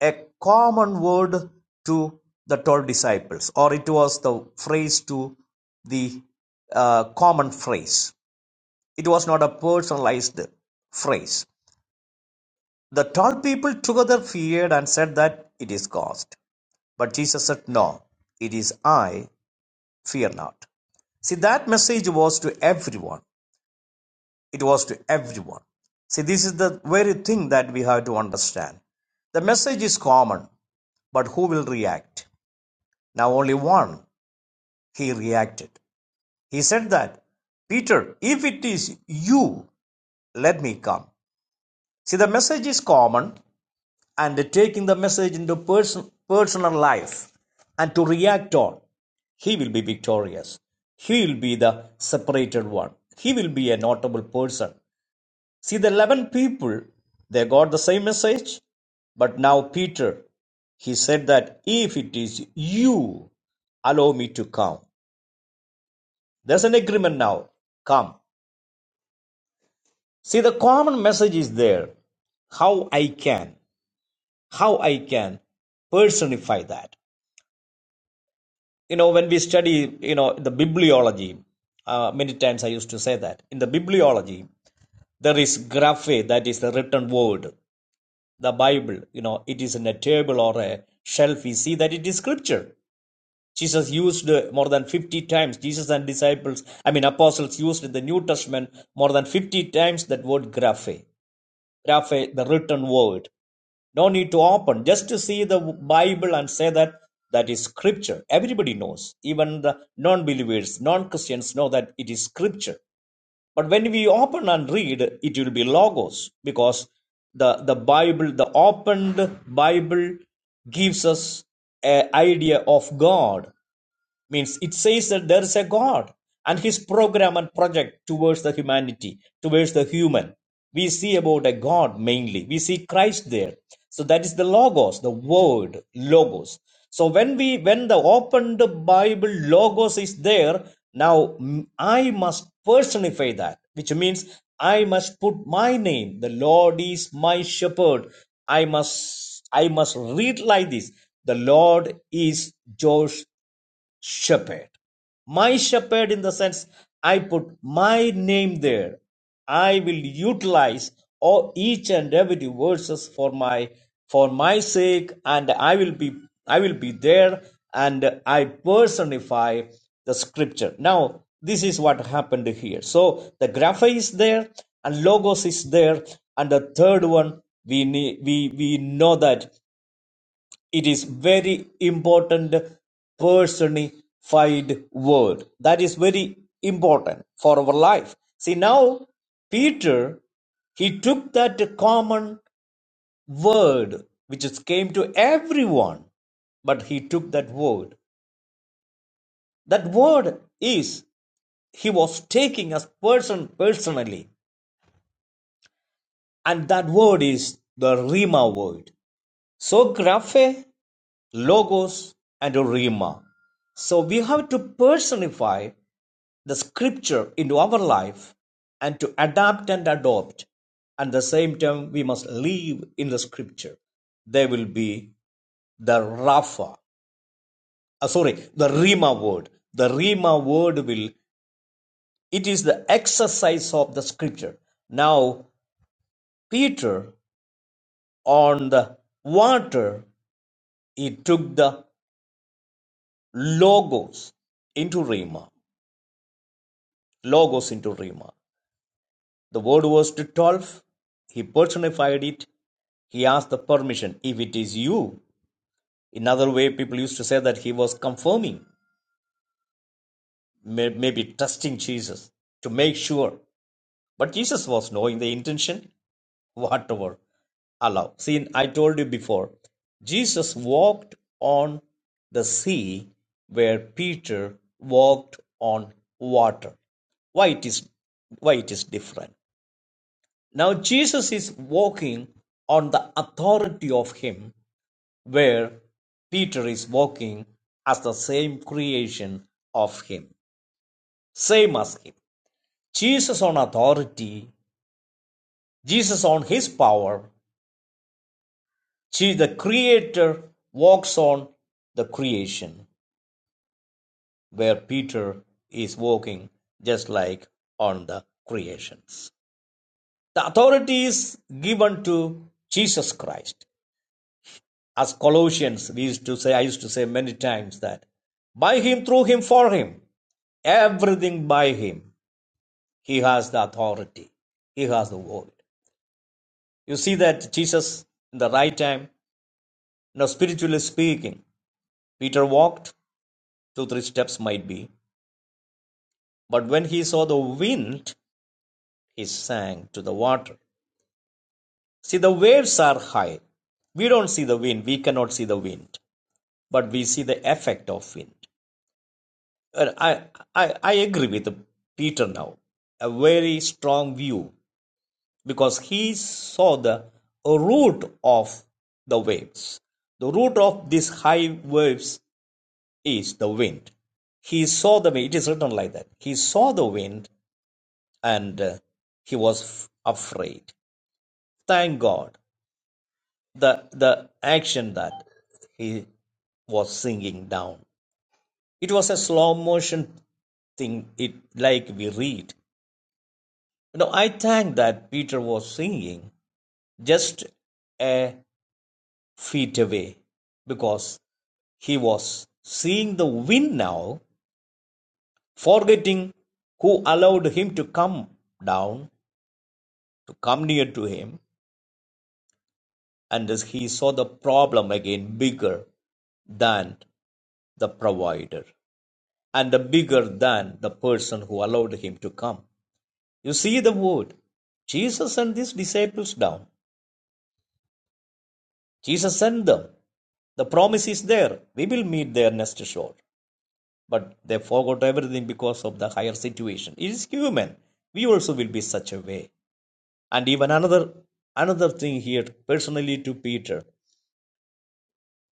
B: a common word to the 12 disciples, or it was the phrase to the uh, common phrase. It was not a personalized phrase. The 12 people together feared and said that it is God. But Jesus said, No, it is I, fear not. See, that message was to everyone. It was to everyone. See, this is the very thing that we have to understand. The message is common, but who will react? Now, only one, he reacted. He said that, Peter, if it is you, let me come. See, the message is common, and taking the message into person, personal life and to react on, he will be victorious. He will be the separated one. He will be a notable person. See, the 11 people, they got the same message, but now Peter, he said that if it is you, allow me to come. There's an agreement now. Come. See, the common message is there. How I can, how I can personify that. you know when we study you know the bibliology uh, many times i used to say that in the bibliology there is graphe that is the written word the bible you know it is in a table or a shelf we see that it is scripture jesus used uh, more than 50 times jesus and disciples i mean apostles used in the new testament more than 50 times that word graphe graphe the written word no need to open, just to see the Bible and say that that is scripture. Everybody knows, even the non believers, non Christians know that it is scripture. But when we open and read, it will be logos because the, the Bible, the opened Bible gives us an idea of God means it says that there is a god and his program and project towards the humanity towards the human we see about a god mainly we see christ there so that is the logos the word logos so when we when the opened bible logos is there now mm, i must personify that which means i must put my name the lord is my shepherd i must i must read like this the lord is josh shepherd. My shepherd, in the sense I put my name there. I will utilize all each and every verses for my for my sake, and I will be I will be there, and I personify the scripture. Now this is what happened here. So the grapha is there, and logos is there, and the third one we need we we know that it is very important personified word. That is very important for our life. See now Peter he took that common word which is came to everyone but he took that word. That word is he was taking as person personally, and that word is the Rima word. So graphe, logos and rhema. So we have to personify the scripture into our life and to adapt and adopt. At the same time, we must live in the scripture. There will be the Rapha, uh, sorry, the Rima word. The Rima word will, it is the exercise of the scripture. Now, Peter on the water, he took the logos into Rima. Logos into Rima. The word was to 12. He personified it. He asked the permission. If it is you, another way people used to say that he was confirming, maybe trusting Jesus to make sure. But Jesus was knowing the intention. whatever allow. See, I told you before, Jesus walked on the sea where Peter walked on water. Why it is why it is different. Now Jesus is walking on the authority of him where Peter is walking as the same creation of him, same as him. Jesus on authority, Jesus on his power, She, the Creator, walks on the creation, where Peter is walking just like on the creations. The authority is given to Jesus Christ. As Colossians, we used to say, I used to say many times that by him, through him, for him, everything by him, he has the authority, he has the word. You see that Jesus in the right time, now spiritually speaking, Peter walked two, three steps might be. But when he saw the wind, he sank to the water. See, the waves are high. We don't see the wind. We cannot see the wind, but we see the effect of wind. Uh, I, I, I agree with Peter now. A very strong view because he saw the root of the waves. The root of these high waves is the wind. He saw the wind. It is written like that. He saw the wind and uh, he was afraid. Thank God. The the action that he was sinking down. It was a slow motion thing it like we read. Now I thank that Peter was singing just a feet away because he was seeing the wind now, forgetting who allowed him to come down, to come near to him, and as he saw the problem again bigger than the provider. and bigger than the person who allowed him to come. You see the word. Jesus sent these disciples down. Jesus sent them. The promise is there. We will meet their next shore. But they forgot everything because of the higher situation. It is human. We also will be such a way. And even another another thing here, personally to Peter,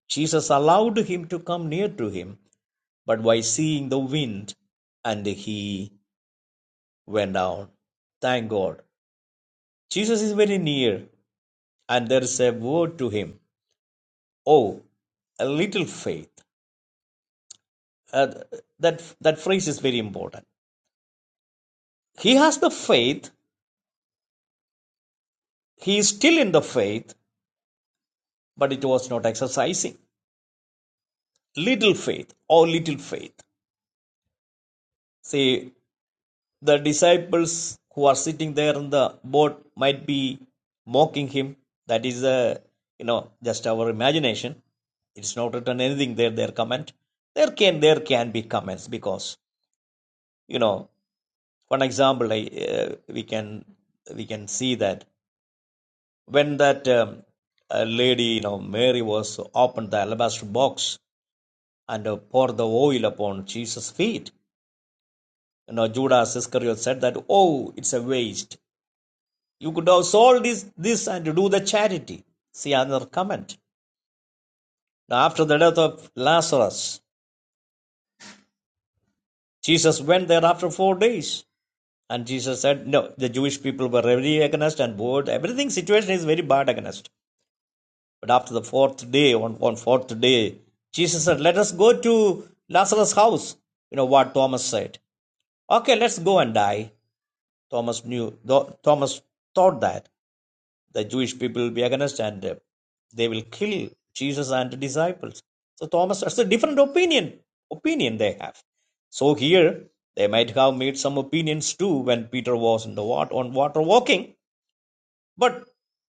B: Jesus allowed him to come near to him, but by seeing the wind, and he went down. Thank God. Jesus is very near, and there is a word to him. Oh, a little faith. Uh, that that phrase is very important. He has the faith. He is still in the faith, but it was not exercising. Little faith or little faith. See, the disciples who are sitting there in the boat might be mocking him. That is, uh, you know, just our imagination. It's not written anything there. Their comment. There can there can be comments because you know One example I, uh, we can we can see that when that um, uh, lady, you know, Mary was opened the alabaster box and uh, poured the oil upon Jesus' feet. You know, Judas Iscariot said that, "Oh, it's a waste. You could have sold this this and do the charity." See another comment. Now, after the death of Lazarus, Jesus went there after four days. And Jesus said, no, the Jewish people were very against and bored. Everything situation is very bad against. But after the fourth day, on, on fourth day, Jesus said, Let us go to Lazarus' house. You know what Thomas said. Okay, let's go and die. Thomas knew, Thomas thought that the Jewish people will be against and uh, they will kill Jesus and the disciples. So Thomas, that's a different opinion, opinion they have. So here, they might have made some opinions too when Peter was in the water, on water walking. But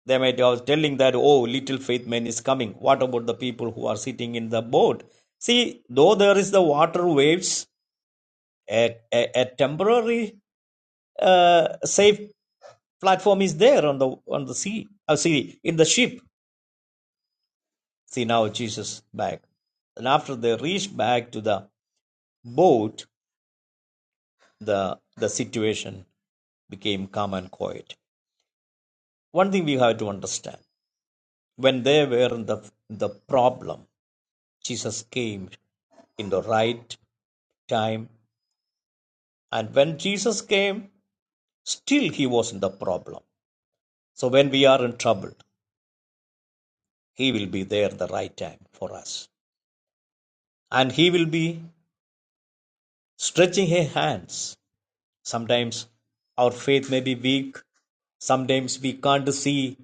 B: they might I was telling that, oh, little faith man is coming. What about the people who are sitting in the boat? See, though there is the water waves, a, a, a temporary uh, safe platform is there on the on the sea. Uh, see, in the ship. See now Jesus back, and after they reached back to the boat, the the situation became calm and quiet. One thing we have to understand: when they were in the the problem, Jesus came in the right time. And when Jesus came, still he wasn't the problem. So when we are in trouble, he will be there at the right time for us. And he will be stretching his hands. Sometimes our faith may be weak. Sometimes we can't see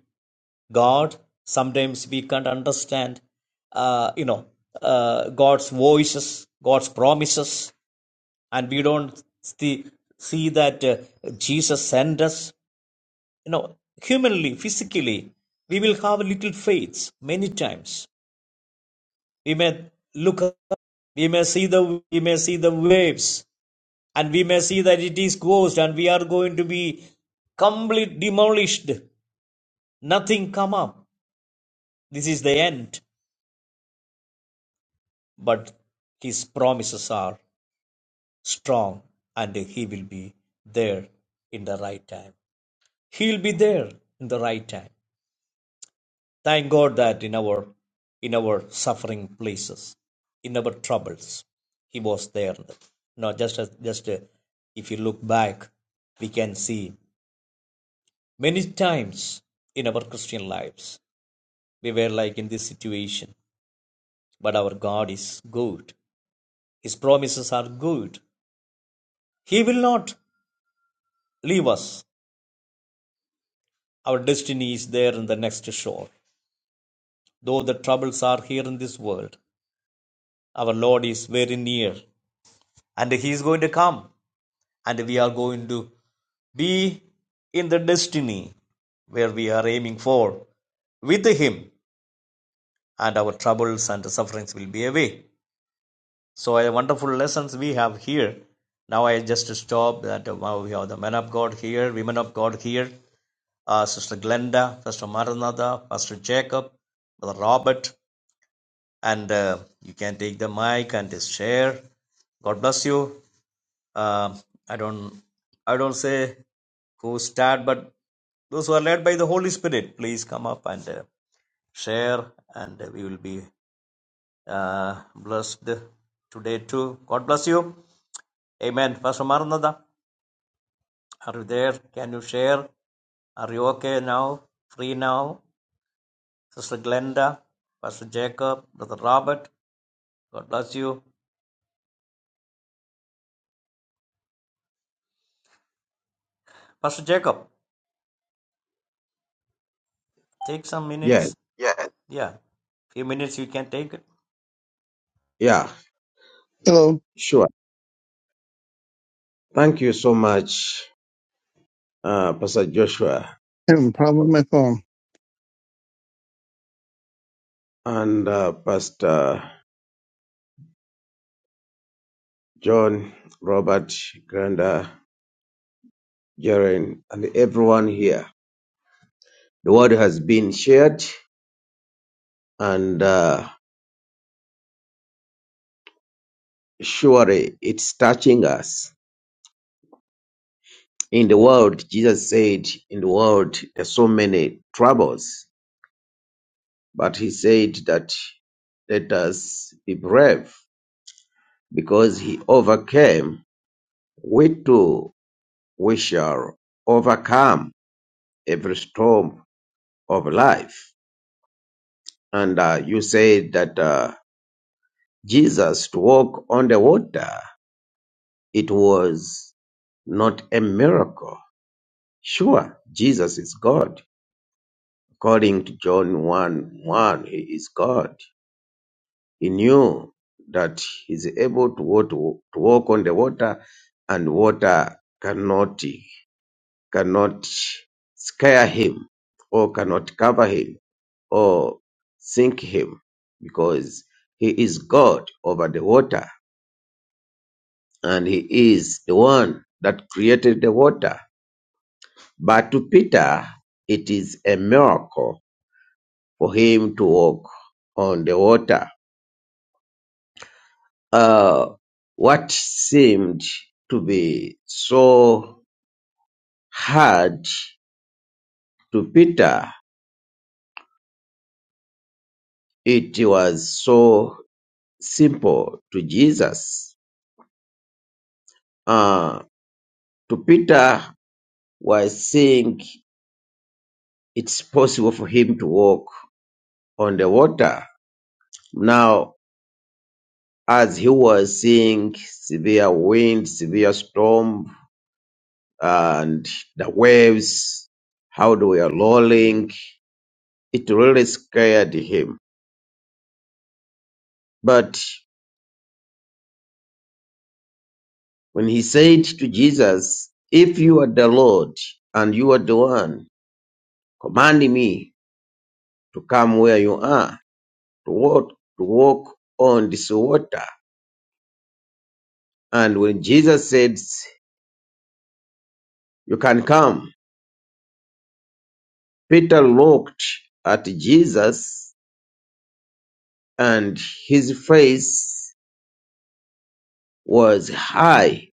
B: God. Sometimes we can't understand, uh, you know, uh, God's voices, God's promises. and we don't see, see that uh, jesus sent us you know humanly physically we will have little faith many times we may look up we may see the we may see the waves and we may see that it is ghost and we are going to be complete demolished nothing come up this is the end but his promises are strong and he will be there in the right time He'll be there in the right time. Thank God that in our in our suffering places, in our troubles, He was there. Now, just as just uh, if you look back, we can see many times in our Christian lives we were like in this situation. But our God is good. His promises are good. He will not leave us. Our destiny is there in the next shore. Though the troubles are here in this world, our Lord is very near and he is going to come and we are going to be in the destiny where we are aiming for with him and our troubles and sufferings will be away so a wonderful lessons we have here now i just stop that uh, wow, we have the men of god here women of god here uh, sister glenda pastor maranatha pastor jacob brother robert and uh, you can take the mic and share god bless you uh, I don't I don't say who start, but those who are led by the Holy Spirit, please come up and uh, share, and uh, we will be uh, blessed today too. God bless you. Amen. Pastor Maranatha, are you there? Can you share? Are you okay now? Free now? Sister Glenda, Pastor Jacob, Brother Robert, God bless you. Pastor Jacob, take some
C: Yeah,
B: minutes. Yeah, few minutes you can take.
C: yeah,
E: Hello,
C: sure. Thank you so much, uh, Pastor Joshua
E: having a problem with my phone.
C: and uh, Pastor John, Robert, Granda, Jaren, and everyone here. The word has been shared, and uh, surely it's touching us. In the world, Jesus said, in the world, there's so many troubles, but he said that let us be brave because he overcame We too we shall overcome every storm of life. And uh, you said that uh, Jesus to walk on the water, it was not a miracle. Sure, Jesus is God. According to John 1 1, he is God. He knew that he is able to walk, to walk on the water, and water cannot cannot scare him or cannot cover him Or sink him because he is God over the water and he is the one that created the water. But to Peter, it is a miracle for him to walk on the water. Uh, what seemed to be so hard to Peter, it was so simple to Jesus. Uh, to Peter was seeing it's possible for him to walk on the water. Now, as he was seeing severe wind, severe storm, and the waves, how they were rolling, it really scared him. But when he said to Jesus, If you are the Lord and you are the one, command me to come where you are, to walk, to walk on this water. And when Jesus said, You can come, Peter looked at Jesus, and his face was high,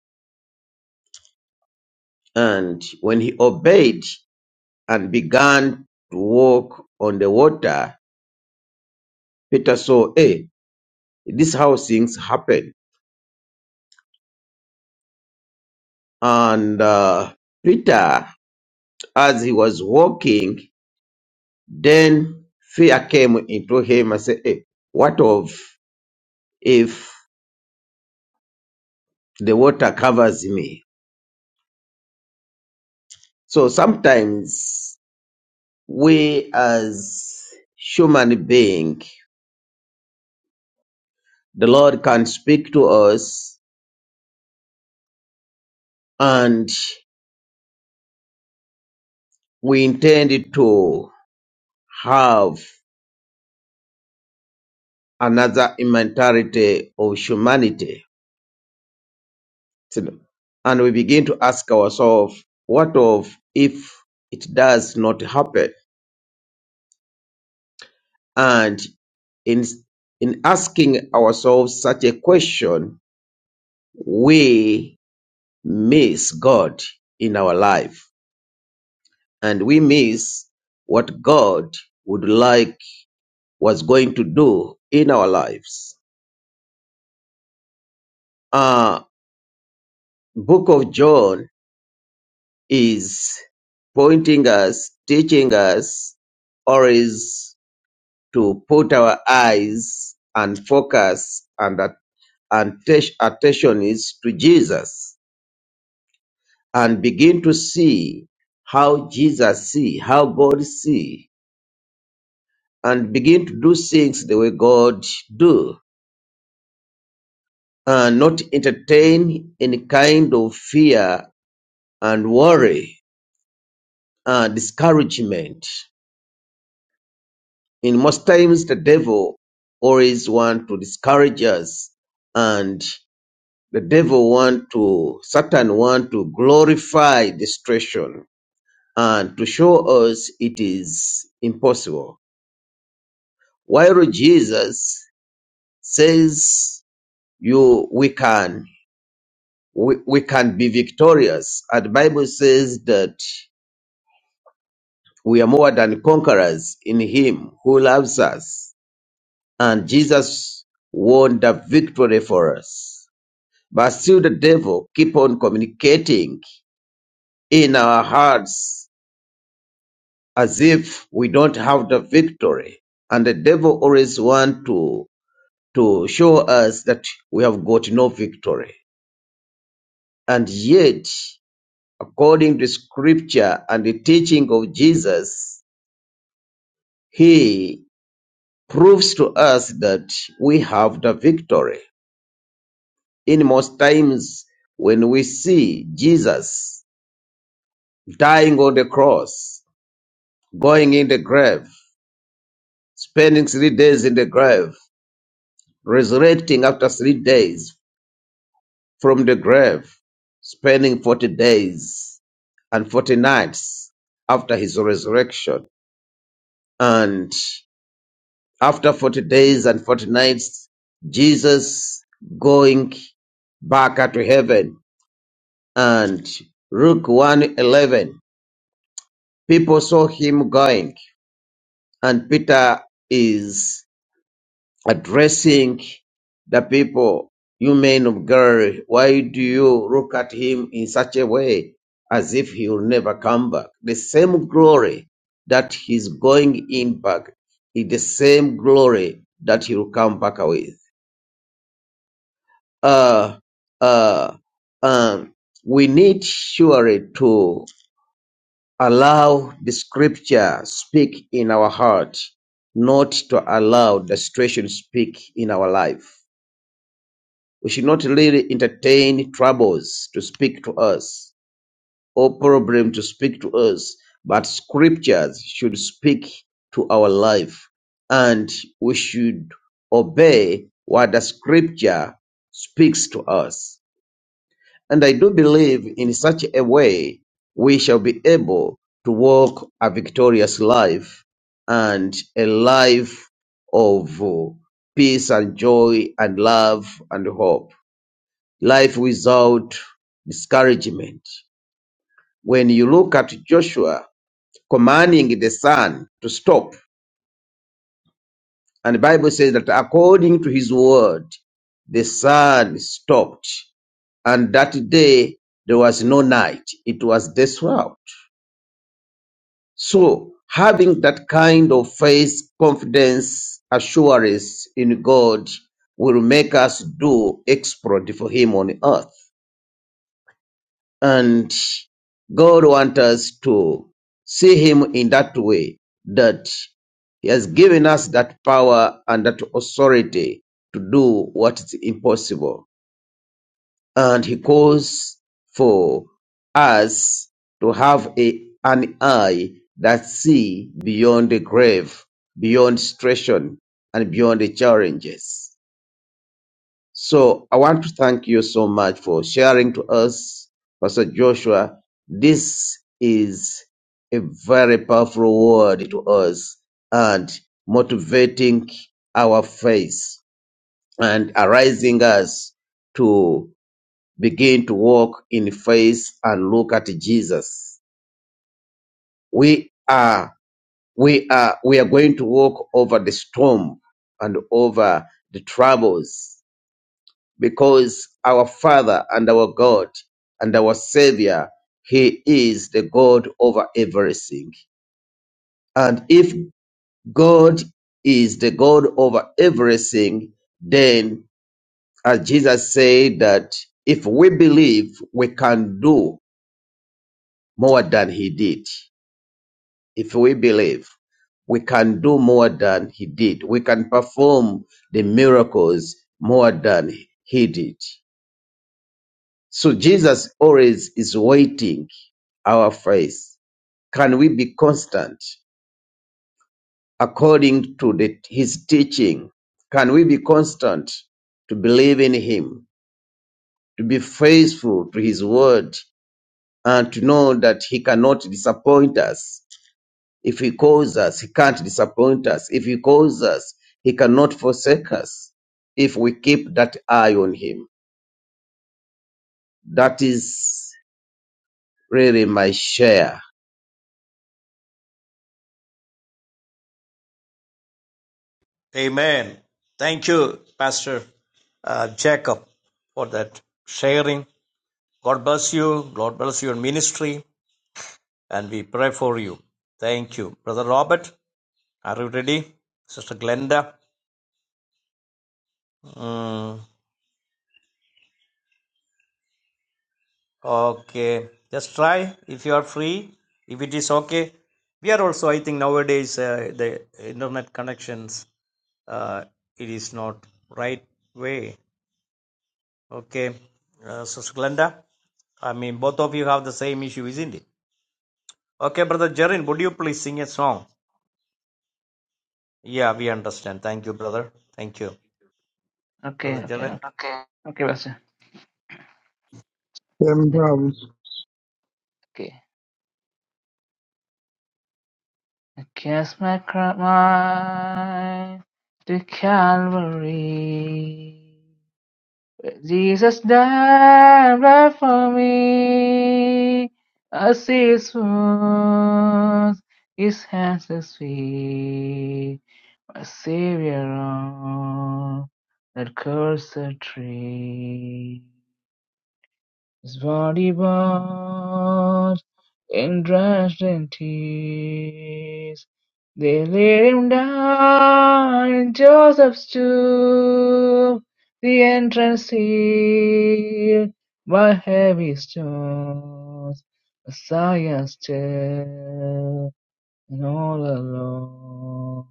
C: and when he obeyed and began to walk on the water, Peter saw, hey, this how things happen. And uh, Peter, as he was walking, then fear came into him and said, hey, what of if the water covers me? So sometimes we as human being, the Lord can speak to us and we intend to have another mentality of humanity. And we begin to ask ourselves, what of if it does not happen? And in, in asking ourselves such a question, we miss God in our life and we miss what God would like was going to do in our lives. Uh, Book of John is pointing us, teaching us, or is to put our eyes and focus and at- and atten- attention is to Jesus and begin to see how Jesus see, how God see, and begin to do things the way God do uh, not entertain any kind of fear and worry and discouragement. In most times, the devil always want to discourage us, and the devil want to Satan want to glorify destruction and to show us it is impossible. While Jesus says, "You, we can, we, we can be victorious," and the Bible says that We are more than conquerors in Him who loves us. And Jesus won the victory for us. But still the devil keep on communicating in our hearts as if we don't have the victory. And the devil always want to, to show us that we have got no victory. And yet, according to scripture and the teaching of Jesus, he proves to us that we have the victory in most times when we see Jesus dying on the cross, going in the grave, spending three days in the grave, resurrecting after three days from the grave, spending 40 days and 40 nights after his resurrection. And after 40 days and 40 nights, Jesus going back to heaven and Luke one eleven, people saw him going, and Peter is addressing the people, you men of Galilee, why do you look at him in such a way as if he will never come back? The same glory that he's going in back is the same glory that he will come back with. Uh, uh, um, we need surely to Allow the scripture speak in our heart, not to allow the situation speak in our life. We should not really entertain troubles to speak to us or problem to speak to us, but scriptures should speak to our life and we should obey what the scripture speaks to us. And I do believe in such a way we shall be able to walk a victorious life and a life of uh, peace and joy and love and hope. Life without discouragement. When you look at Joshua commanding the sun to stop, and the Bible says that according to his word, the sun stopped. And that day there was no night. It was this world. So having that kind of faith, confidence, assurance in God will make us do exploit for Him on earth. And God wants us to see Him in that way that He has given us that power and that authority to do what is impossible. And he calls for us to have a, an eye that see beyond the grave, beyond stressation, and beyond the challenges. So I want to thank you so much for sharing to us, Pastor Joshua. This is a very powerful word to us and motivating our faith and arising us to begin to walk in faith and look at Jesus. We are, we are, we are going to walk over the storm and over the troubles because our Father and our God and our Savior, He is the God over everything. And if God is the God over everything, then as Jesus said that if we believe, we can do more than He did. if we believe, we can do more than he did. We can perform the miracles more than he did. So Jesus always is waiting our faith. Can we be constant according to the, his teaching? Can we be constant to believe in him, to be faithful to his word, and to know that he cannot disappoint us? If he calls us, he can't disappoint us. If he calls us, he cannot forsake us. If we keep that eye on him, that is really my share.
B: Amen. Thank you, Pastor uh, Jacob, for that sharing. God bless you. God bless your ministry. And we pray for you. Thank you. Brother Robert, are you ready? Sister Glenda? Mm, okay. Just try if you are free, if it is okay. We are also, I think, nowadays, uh, the internet connections, uh, it is not right way. Okay. Uh, Sister Glenda? I mean, both of you have the same issue, isn't it? Okay, brother Jerin, would you please sing a song? Yeah, we understand. Thank you, brother. Thank you,
A: Okay.
B: brother
A: Okay. Okay.
B: Jerin.
A: Okay. Pastor.
E: Having problems.
A: Okay. Cast my crown to Calvary. Jesus died right for me. I see his wounds, his hands, his feet. My Savior on that cursed tree. His body bowed and drenched in tears, they laid him down in Joseph's tomb. The entrance sealed by heavy stones. Messiah still and all alone.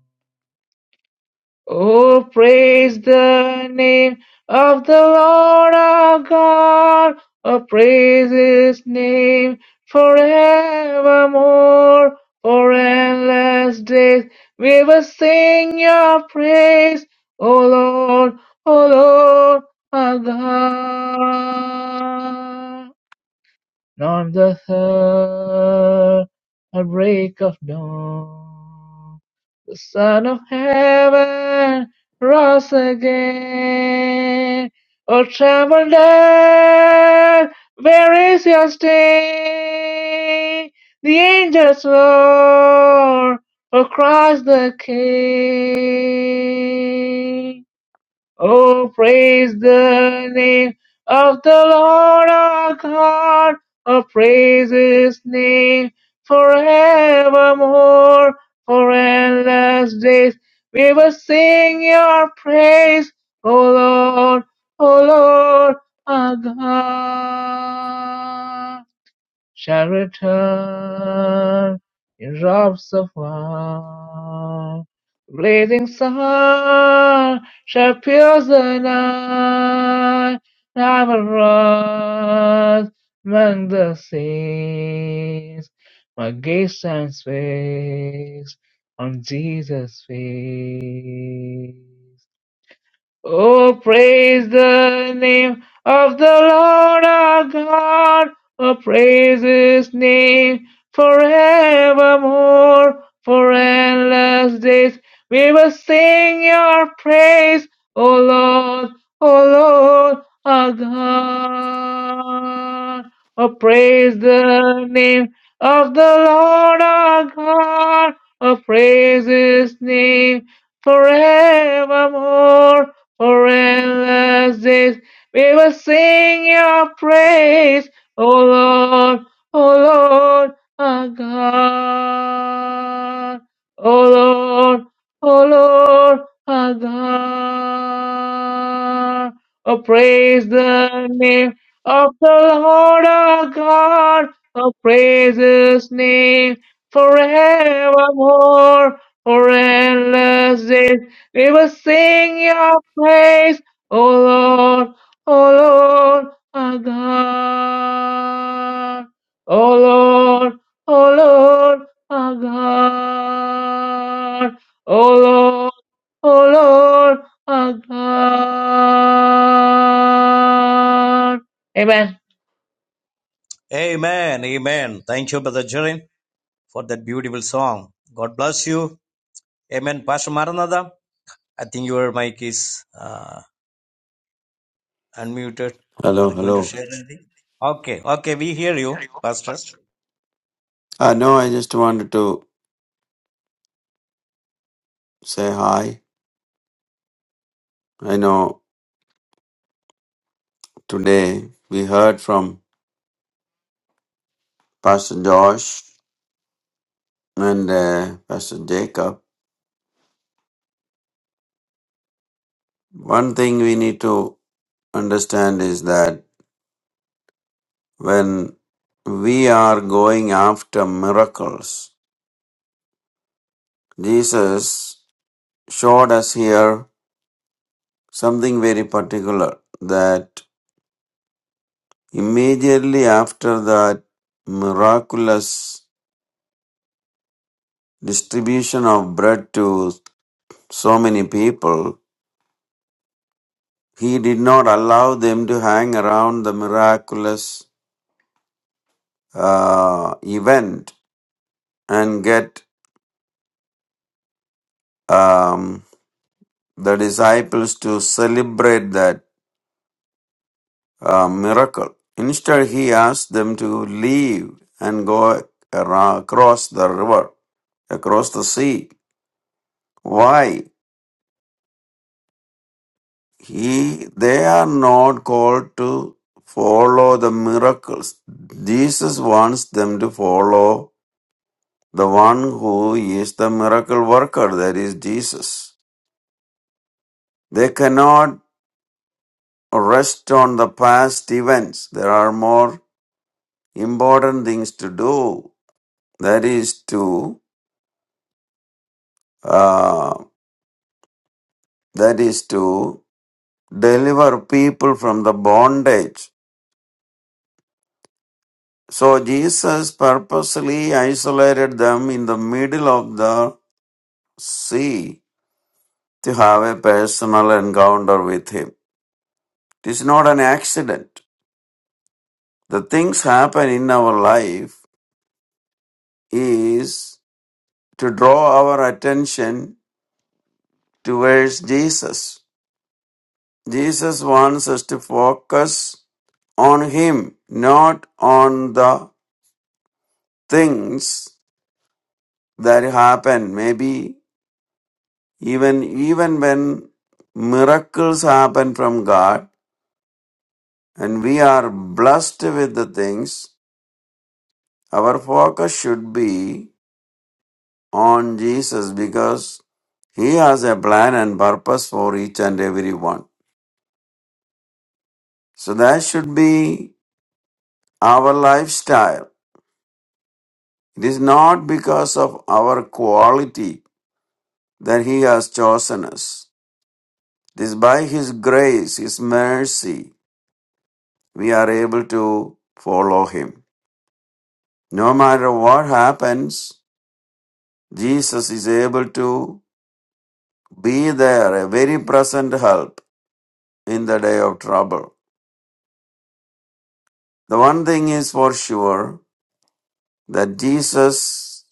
A: Oh, praise the name of the Lord our God. Oh, praise his name forevermore. For endless days we will sing your praise. O Lord, O Lord, our God. On the third, a break of dawn, the Son of Heaven rose again. O tremble death, where is your sting? The angels roar, O Christ the King. Oh, praise the name of the Lord our God. Oh, praise his name forevermore. For endless days we will sing your praise, O Lord, O Lord our God. Shall return in robes of wine. Blazing sun shall pierce the night. I will rise among the saints. My gaze shines fixed on Jesus' face. Oh, praise the name of the Lord our God. Oh, praise his name forevermore. For endless days we will sing your praise, O Lord, O Lord our God. Oh, praise the name of the Lord our God. Oh, praise his name forevermore for endless days we will sing your praise, O Lord, O Lord, our God, O Lord, O Lord, our God. Oh, praise the name of the Lord our God. Oh, praise his name forevermore, for endless days we will sing your praise, O Lord, O Lord, our God. O Lord, O Lord, our God. O Lord, O Lord, our God. Amen.
B: Amen. Amen. Thank you, brother Jerin, for that beautiful song. God bless you. Amen. Pastor Maranatha, I think your mic is uh, unmuted. Are
D: Hello,
B: you going to
D: hello.
B: share anything? Okay. Okay, we hear you, Pastor.
D: I know I just wanted to say hi. I know today we heard from Pastor Josh and uh, Pastor Jacob. One thing we need to understand is that when we are going after miracles. Jesus showed us here something very particular that immediately after that miraculous distribution of bread to so many people, he did not allow them to hang around the miraculous uh, event and get um, the disciples to celebrate that a miracle. Instead, he asked them to leave and go ara- across the river, across the sea. Why? He, they are not called to follow the miracles. Jesus wants them to follow the one who is the miracle worker, that is Jesus. They cannot rest on the past events. There are more important things to do. That is to uh, that is to deliver people from the bondage. So Jesus purposely isolated them in the middle of the sea to have a personal encounter with him. It is not an accident. The things happen in our life is to draw our attention towards Jesus. Jesus wants us to focus on him, not on the things that happen. Maybe even even when miracles happen from God and we are blessed with the things, our focus should be on Jesus because He has a plan and purpose for each and every one. So that should be our lifestyle. It is not because of our quality that He has chosen us. It is by His grace, His mercy, we are able to follow him. No matter what happens, Jesus is able to be there, a very present help in the day of trouble. The one thing is for sure that Jesus,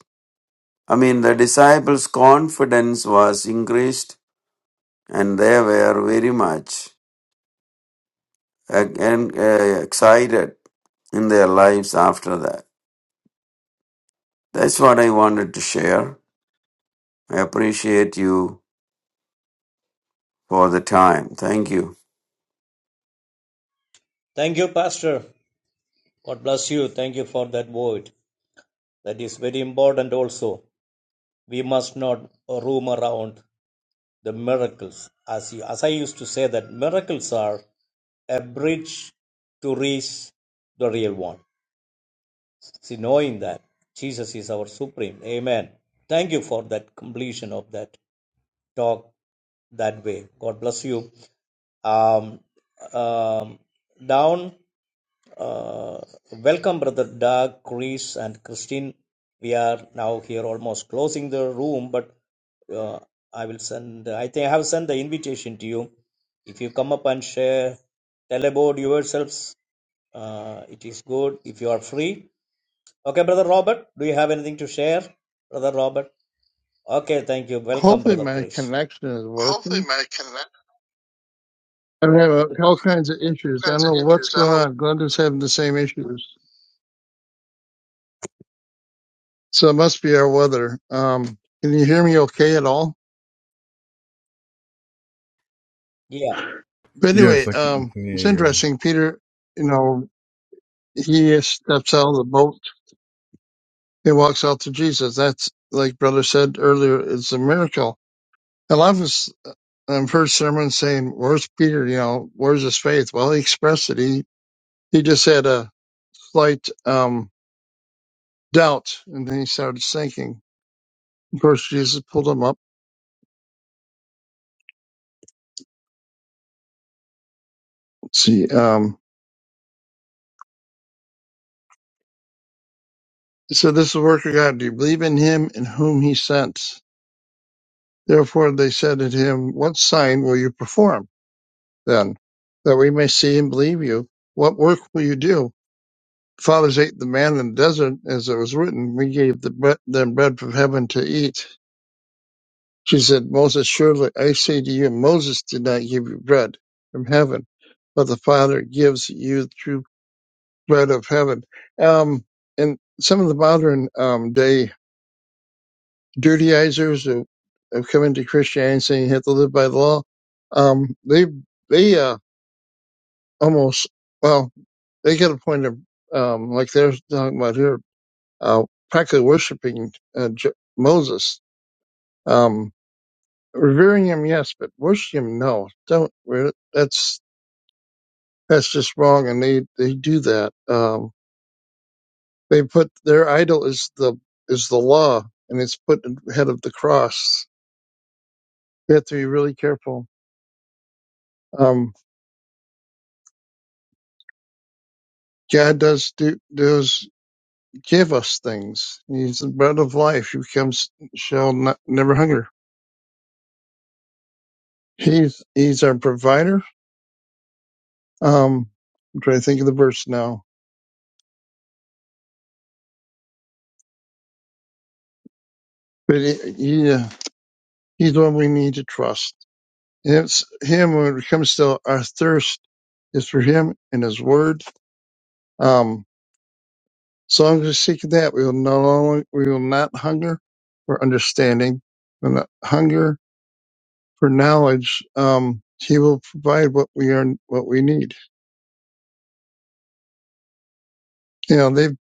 D: I mean, the disciples' confidence was increased and they were very much uh, uh, excited in their lives after that. That's what I wanted to share. I appreciate you for the time. Thank you.
B: Thank you, Pastor. God bless you. Thank you for that word. That is very important also. We must not roam around the miracles. As, you, as I used to say, that miracles are a bridge to reach the real one. See, knowing that Jesus is our supreme. Amen. Thank you for that completion of that talk that way. God bless you. Um, um, down, uh, welcome, Brother Doug, Chris, and Christine. We are now here almost closing the room, but uh, I will send, I think I have sent the invitation to you. If you come up and share, tell about yourselves. Uh, it is good if you are free. Okay, Brother Robert, do you have anything to share? Brother Robert. Okay, thank you. Welcome,
E: Hopefully,
B: Brother
E: my
B: Chris.
E: connection is
B: Hopefully,
E: working.
B: my can
E: I'm having all kinds of issues. I
B: kinds
E: don't
B: of
E: know what's
B: issues. I
E: going
B: know
E: on. Glenda's having the same issues, so it must be our weather. Um, can you hear me okay at all?
B: Yeah.
E: But
F: Yes,
E: anyway,
F: I can,
E: um,
F: can hear
E: it's
F: you.
E: interesting. Peter, you know, he steps out of the boat and walks out to Jesus. That's like brother said earlier. It's a miracle. A lot of us um, first sermon saying, "Where's Peter? You know, where's his faith?" Well, he expressed it. He he just had a slight um, doubt, and then he started sinking. Of course, Jesus pulled him up. Let's see, um, he said, this is the work of God. Do you believe in Him and whom He sent? Therefore, they said to him, What sign will you perform then, that we may see and believe you? What work will you do? Fathers ate the man in the desert, as it was written. We gave the bre- them bread from heaven to eat. She said, Moses, surely I say to you, Moses did not give you bread from heaven, but the Father gives you the true bread of heaven. Um, and some of the modern um, day Judaizers who have come into Christianity saying you have to live by the law, um, they they uh, almost well they get a point of um, like they're talking about here, uh, practically worshiping uh, J- Moses, um, revering him yes, but worship him no. Don't re- that's that's just wrong, and they they do that. Um, They put their idol is the is the law, and it's put ahead of the cross. We have to be really careful. Um, God does do does give us things. He's the bread of life. You comes shall not, never hunger. He's he's our provider. Um, I'm trying to think of the verse now, but he, he, uh, he's the one we need to trust. And it's him when it comes to our thirst is for him and his word. Um, So long as we seek that, we will no longer, we will not hunger for understanding, will not hunger for knowledge. Um, he will provide what we are, what we need. You know, they've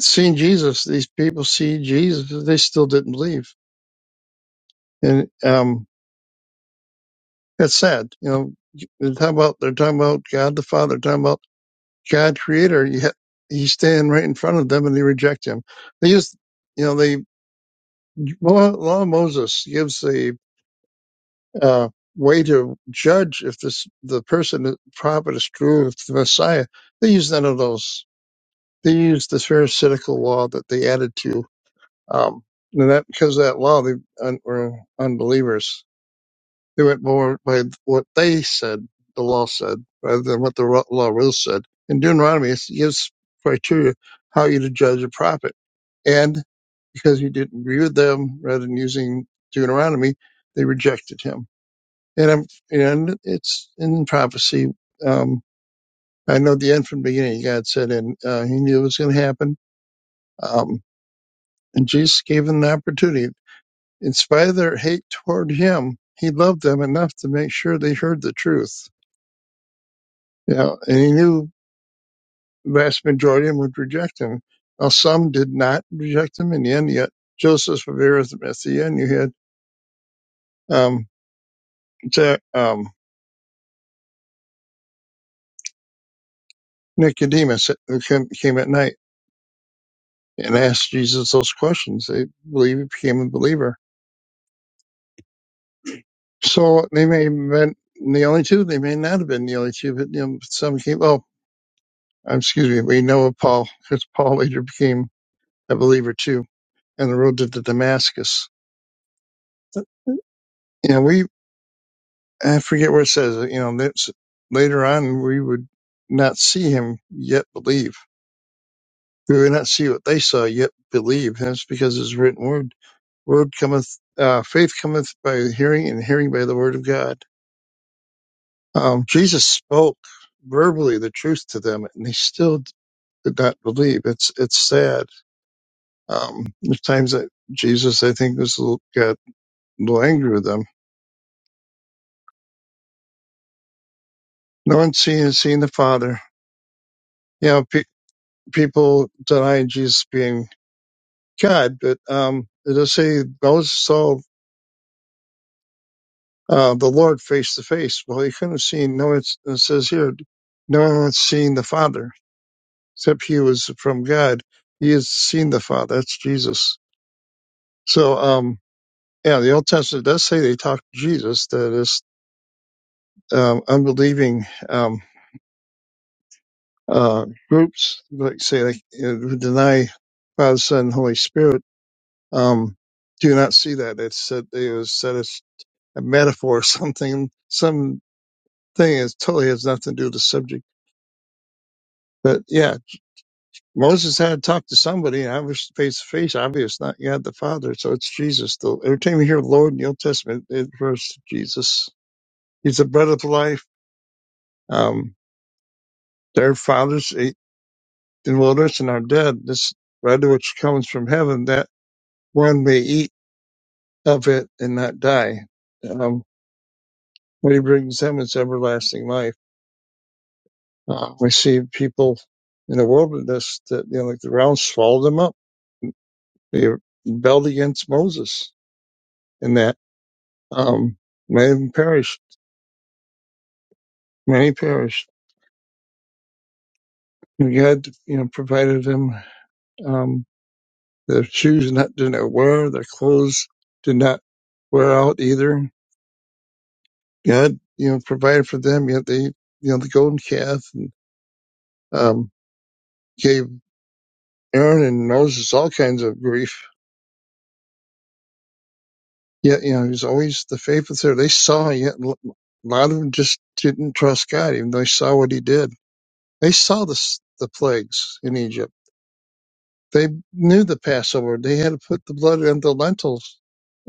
E: seen Jesus. These people see Jesus. They still didn't believe, and um, that's sad. You know, they're talking about they're talking about God the Father, they're talking about God Creator. Yet He's standing right in front of them, and they reject Him. They just, you know, they Mo- Law of Moses gives the uh, way to judge if this the person the prophet is true if the Messiah. They use none of those. They use the Pharisaical law that they added to, um, and that because of that law they un, were unbelievers. They went more by what they said the law said rather than what the ro- law really said. In Deuteronomy, it gives criteria how you to judge a prophet, and because you didn't agree with them, rather than using Deuteronomy, they rejected him and I'm, and it's in prophecy. Um, I know the end from the beginning. God said, and uh, He knew it was going to happen. Um, and Jesus gave them the opportunity. In spite of their hate toward Him, He loved them enough to make sure they heard the truth. You know, and He knew the vast majority of them would reject Him. Now, some did not reject Him in the end. Yet Joseph of Arimathea, and you had um, to, um, Nicodemus who came at night. and asked Jesus those questions. They believe he became a believer. So they may have been the only two. They may not have been the only two, but you know, some came. Oh, um, excuse me. We know of Paul because Paul later became a believer too on the road to to Damascus. You know, we I forget where it says. You know, that's later on we would not see him yet believe. We would not see what they saw yet believe. And that's because his written word, word cometh, uh, faith cometh by hearing, and hearing by the word of God. Um, Jesus spoke verbally the truth to them, and they still did not believe. It's it's sad. Um, there's times that Jesus, I think, was a little, got a little angry with them. No one's seen seen the Father. You know, pe- people denying Jesus being God, but um, it does say Moses saw uh, the Lord face to face. Well, he couldn't have seen. No one it says here, no one's seen the Father except he was from God. He has seen the Father. That's Jesus. So, um. Yeah, the Old Testament does say they talk to Jesus. That is, um, unbelieving um, uh, groups, like say, like, uh, who deny Father, Son, and Holy Spirit, um, do not see that. It's said it was said as a metaphor, or something, something is totally has nothing to do with the subject. But yeah, Moses had to talk to somebody, and I was face to face, obvious, not God the Father. So it's Jesus. The, every time you hear Lord in the Old Testament, it refers to Jesus. He's the bread of life. Um, Their fathers ate in the wilderness and are dead. This bread which comes from heaven, that one may eat of it and not die. Um, what he brings them is everlasting life. Uh, we see people in the wilderness that, you know, like the rounds swallowed them up. They rebelled against Moses in that. Um, many of them perished. Many perished. And God, you know, provided them, um, their shoes not, did not wear, their clothes did not wear out either God, you know, provided for them. Yet they, you know, the golden calf and um, gave Aaron and Moses all kinds of grief. Yet, you know, he was always the faithful there. They saw, yet a lot of them just didn't trust God, even though they saw what he did. They saw the, s- the plagues in Egypt. They knew the Passover. They had to put the blood on the lentils,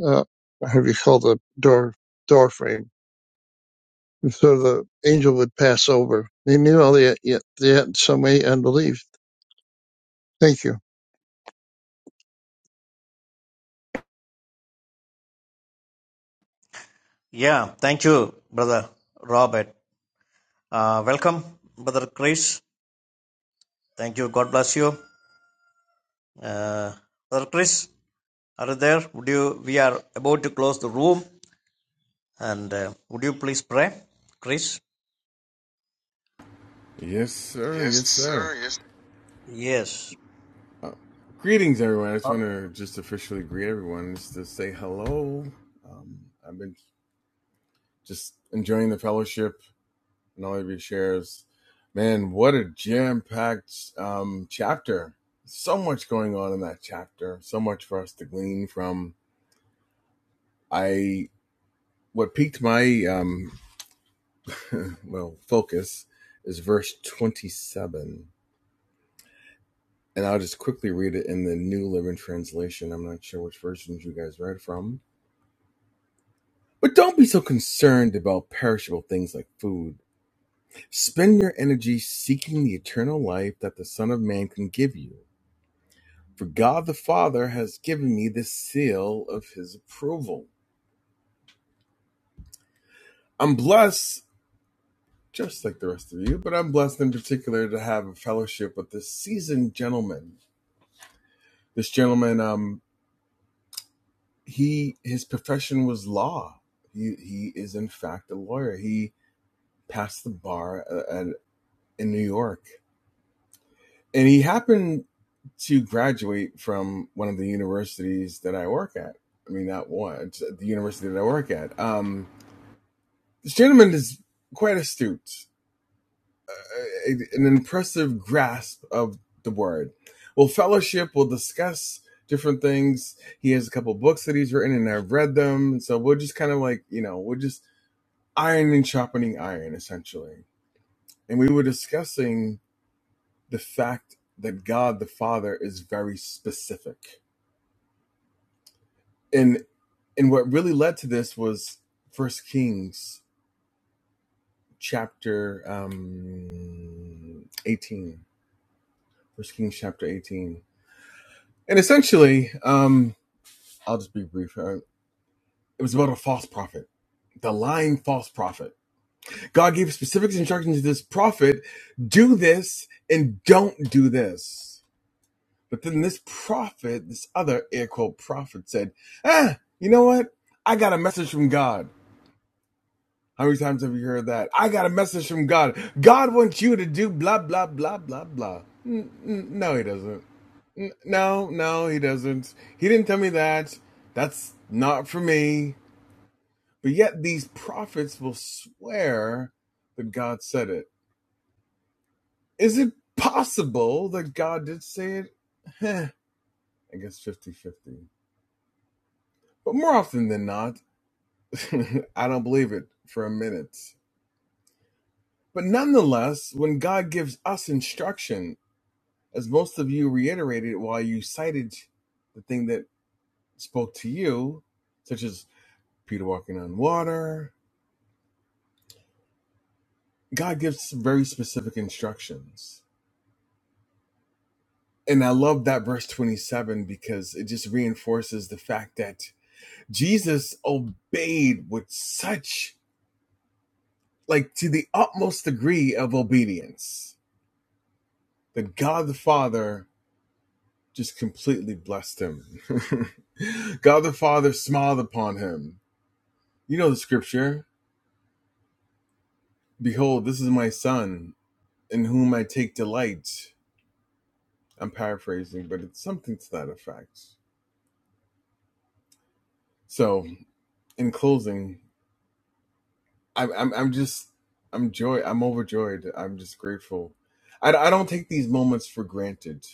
E: uh, however you call the door, door frame. And So the angel would pass over. They knew all that, yet, yet in some way unbelief. Thank you.
B: Yeah. Thank you, Brother Robert. Uh, welcome, Brother Chris. Thank you. God bless you. Uh, Brother Chris, are you there? Would you? We are about to close the room, and uh, would you please pray, Chris?
F: Yes, sir.
B: Yes,
F: Yes,
B: sir.
F: sir.
B: Yes. Yes.
F: Greetings, everyone. I just
B: Uh,
F: want to just officially greet everyone, just to say hello. Um, I've been just enjoying the fellowship and all of your shares. Man, what a jam-packed um, chapter! So much going on in that chapter. So much for us to glean from. I what piqued my um, well focus is verse twenty-seven. and I'll just quickly read it in the New Living Translation. I'm not sure which versions you guys read from. But don't be so concerned about perishable things like food. Spend your energy seeking the eternal life that the Son of Man can give you. For God the Father has given me the seal of his approval. I'm blessed, just like the rest of you, but I'm blessed in particular to have a fellowship with this seasoned gentleman. This gentleman, um, he his profession was law. He he is in fact a lawyer. He passed the bar uh, at, in New York, and he happened to graduate from one of the universities that I work at. I mean, not one, it's uh, the university that I work at. Um, this gentleman is quite astute, uh, an impressive grasp of the word. We'll fellowship, we'll discuss different things. He has a couple books that he's written, and I've read them. So we'll just kind of like, you know, we'll just iron and sharpening iron, essentially. And we were discussing the fact that God the Father is very specific. And and what really led to this was First Kings chapter um, eighteen. First Kings chapter eighteen. And essentially, um, I'll just be brief. Uh, it was about a false prophet, the lying false prophet. God gave specific instructions to this prophet: do this and don't do this But then this prophet, this other air quote prophet said, ah, you know what? I got a message from God. How many times have you heard that? I got a message from God. God wants you to do blah, blah, blah, blah, blah. N- n- no, he doesn't. N- no, no, he doesn't. He didn't tell me that. That's not for me. But yet these prophets will swear that God said it. Is it possible that God did say it? I guess 50 50. But more often than not, I don't believe it for a minute. But nonetheless, when God gives us instruction, as most of you reiterated while you cited the thing that spoke to you, such as Peter walking on water, God gives very specific instructions. And I love that verse 27 because it just reinforces the fact that Jesus obeyed with such, like, to the utmost degree of obedience that God the Father just completely blessed him. God the Father smiled upon him. You know the scripture Behold, this is my son, in whom I take delight. I'm paraphrasing, but it's something to that effect. So, in closing, I'm, I'm, I'm just, I'm joy, I'm overjoyed. I'm just grateful. I, I don't take these moments for granted.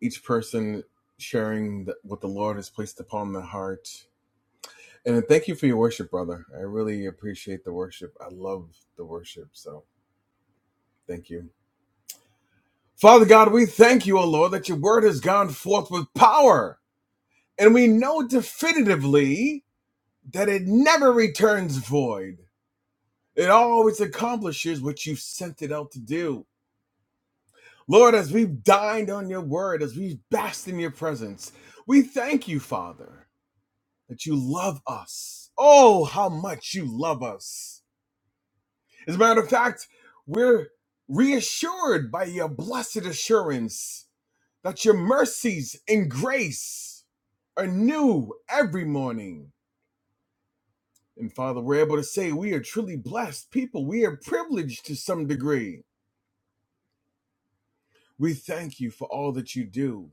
F: Each person sharing the, what the Lord has placed upon their heart And thank you for your worship, brother. I really appreciate the worship. I love the worship. So thank you. Father God, we thank you, O Lord, that your word has gone forth with power. And we know definitively that it never returns void, it always accomplishes what you've sent it out to do. Lord, as we've dined on your word, as we've basked in your presence, we thank you, Father, that you love us. Oh, how much you love us As a matter of fact, we're reassured by your blessed assurance that your mercies and grace are new every morning. And Father, we're able to say we are truly blessed people. We are privileged to some degree. We thank you for all that you do.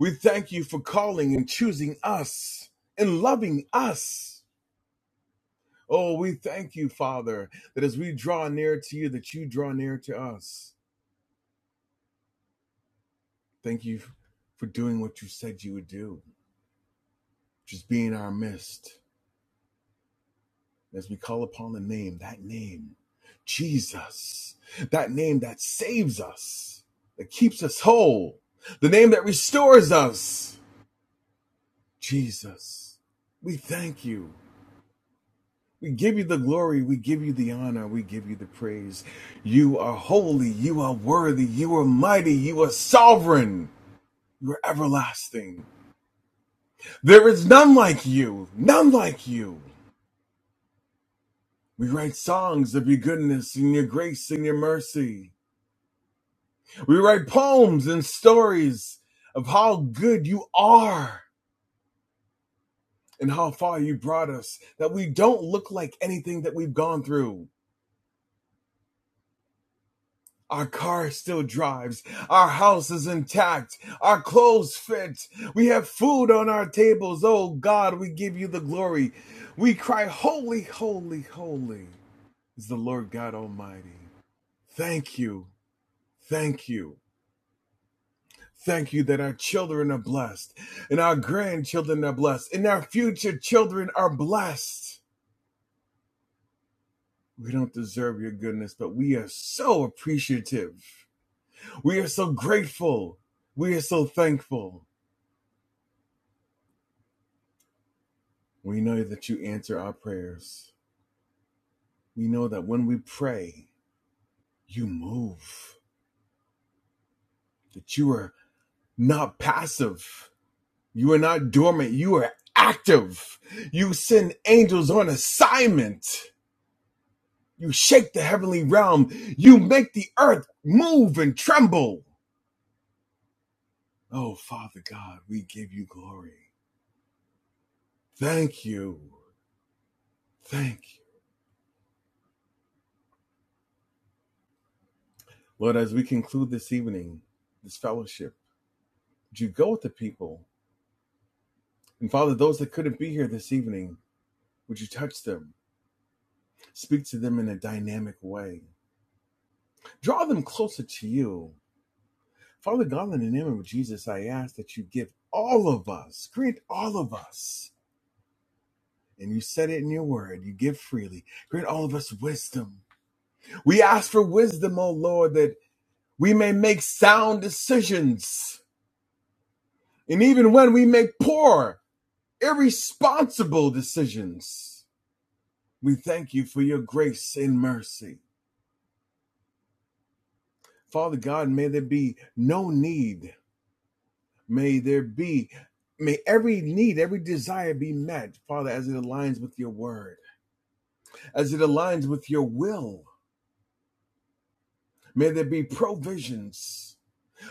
F: We thank you for calling and choosing us and loving us. Oh, we thank you, Father, that as we draw near to you, that you draw near to us. Thank you for doing what you said you would do, just being in our midst as we call upon the name, that name, Jesus, that name that saves us, that keeps us whole, the name that restores us, Jesus. We thank you. We give you the glory. We give you the honor. We give you the praise. You are holy. You are worthy. You are mighty. You are sovereign. You are everlasting. There is none like you. None like you. We write songs of your goodness and your grace and your mercy. We write poems and stories of how good you are and how far you brought us, that we don't look like anything that we've gone through. Our car still drives. Our house is intact. Our clothes fit. We have food on our tables. Oh God, we give you the glory. We cry, Holy, holy, holy is the Lord God Almighty. Thank you. Thank you. Thank you that our children are blessed, and our grandchildren are blessed, and our future children are blessed. We don't deserve your goodness, but we are so appreciative. We are so grateful. We are so thankful. We know that you answer our prayers. We know that when we pray, you move, that you are not passive, you are not dormant, you are active. You send angels on assignment You shake the heavenly realm. You make the earth move and tremble. Oh, Father God, we give you glory. Thank you. Thank you. Lord, as we conclude this evening, this fellowship, would you go with the people? And Father, those that couldn't be here this evening, would you touch them? Speak to them in a dynamic way. Draw them closer to you. Father God, in the name of Jesus, I ask that you give all of us, grant all of us And you said it in your word. You give freely. Grant all of us wisdom. We ask for wisdom, O Lord, that we may make sound decisions. And even when we make poor, irresponsible decisions, we thank you for your grace and mercy. Father God, may there be no need. May there be, may every need, every desire be met, Father, as it aligns with your word, as it aligns with your will. May there be provisions.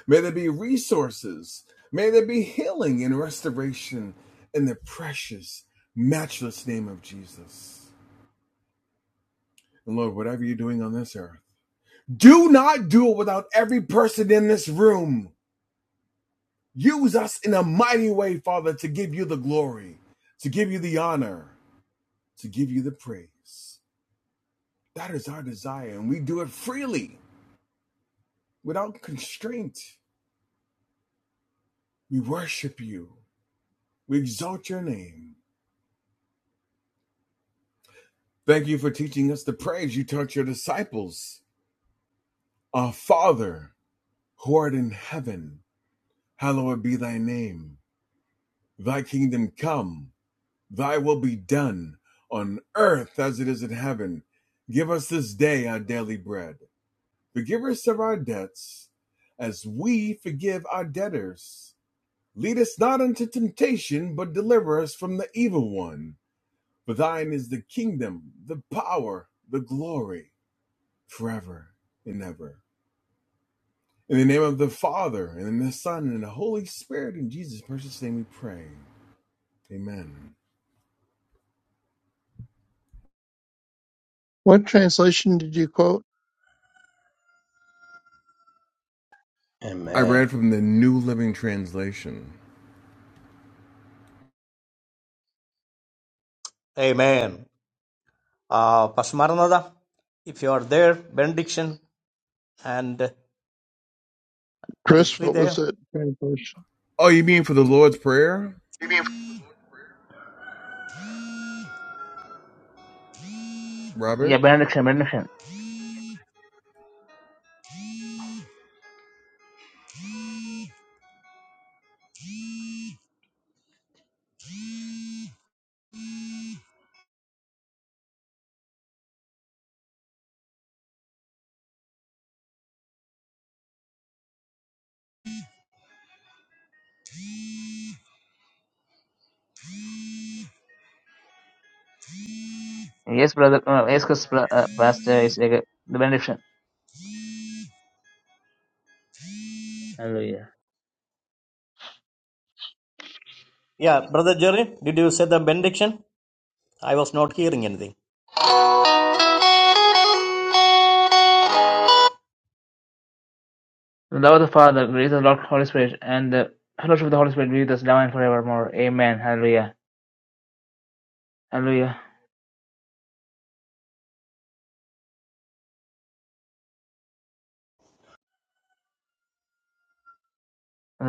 F: May there be resources. May there be healing and restoration in the precious, matchless name of Jesus. And Lord, whatever you're doing on this earth, do not do it without every person in this room. Use us in a mighty way, Father, to give you the glory, to give you the honor, to give you the praise. That is our desire, and we do it freely, without constraint. We worship you, we exalt your name. Thank you for teaching us the prayers you taught your disciples. Our Father, who art in heaven, hallowed be thy name. Thy kingdom come, thy will be done, on earth as it is in heaven. Give us this day our daily bread. Forgive us of our debts, as we forgive our debtors. Lead us not into temptation, but deliver us from the evil one. For thine is the kingdom, the power, the glory, forever and ever. In the name of the Father, and in the Son, and the Holy Spirit, in Jesus' precious name we pray. Amen.
E: What translation did you quote,
F: I
C: Amen.
F: read from the New Living Translation.
B: Amen. Uh, Pastor Maranatha, if you are there, benediction, and uh, are you
E: Chris?
B: free
E: What was
B: there?
E: that translation?
F: Oh, you mean for the Lord's Prayer,
B: maybe
F: Robert?
A: Yeah, benediction, benediction. Yes, brother. Uh, yes, 'cause, uh, pastor is uh, the benediction. Hallelujah.
B: Yeah, Brother Jerry, did you say the benediction? I was not hearing anything.
A: The love of the Father, the grace of the Lord Holy Spirit, and the fellowship of the Holy Spirit be with us now and forevermore. Amen. Hallelujah. Hallelujah.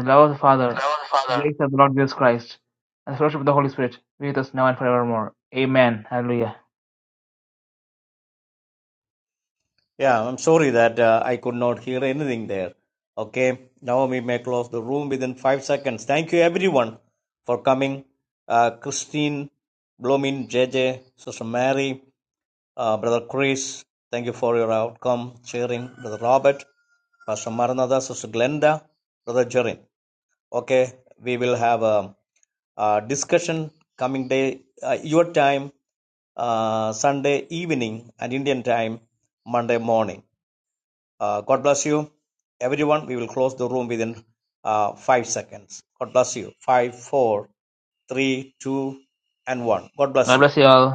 A: the love of the Father,
B: Reverend
A: the
B: Father,
A: grace of the Lord Jesus Christ, and the fellowship of the Holy Spirit be with us now and forevermore. Amen. Hallelujah.
B: Yeah, I'm sorry that uh, I could not hear anything there. Okay, now we may close the room within five seconds. Thank you everyone for coming. Uh, Christine, Blomin, JJ, Sister Mary, uh, Brother Chris, thank you for your outcome, sharing, Brother Robert, Pastor Maranatha, Sister Glenda, Brother Jorin. Okay, we will have a, a discussion coming day, uh, your time. uh, Sunday evening and Indian time, Monday morning. Uh, God bless you, everyone. We will close the room within uh, five seconds. God bless you. Five, four, three, two, and one. God
A: God
B: bless you.
A: bless you all.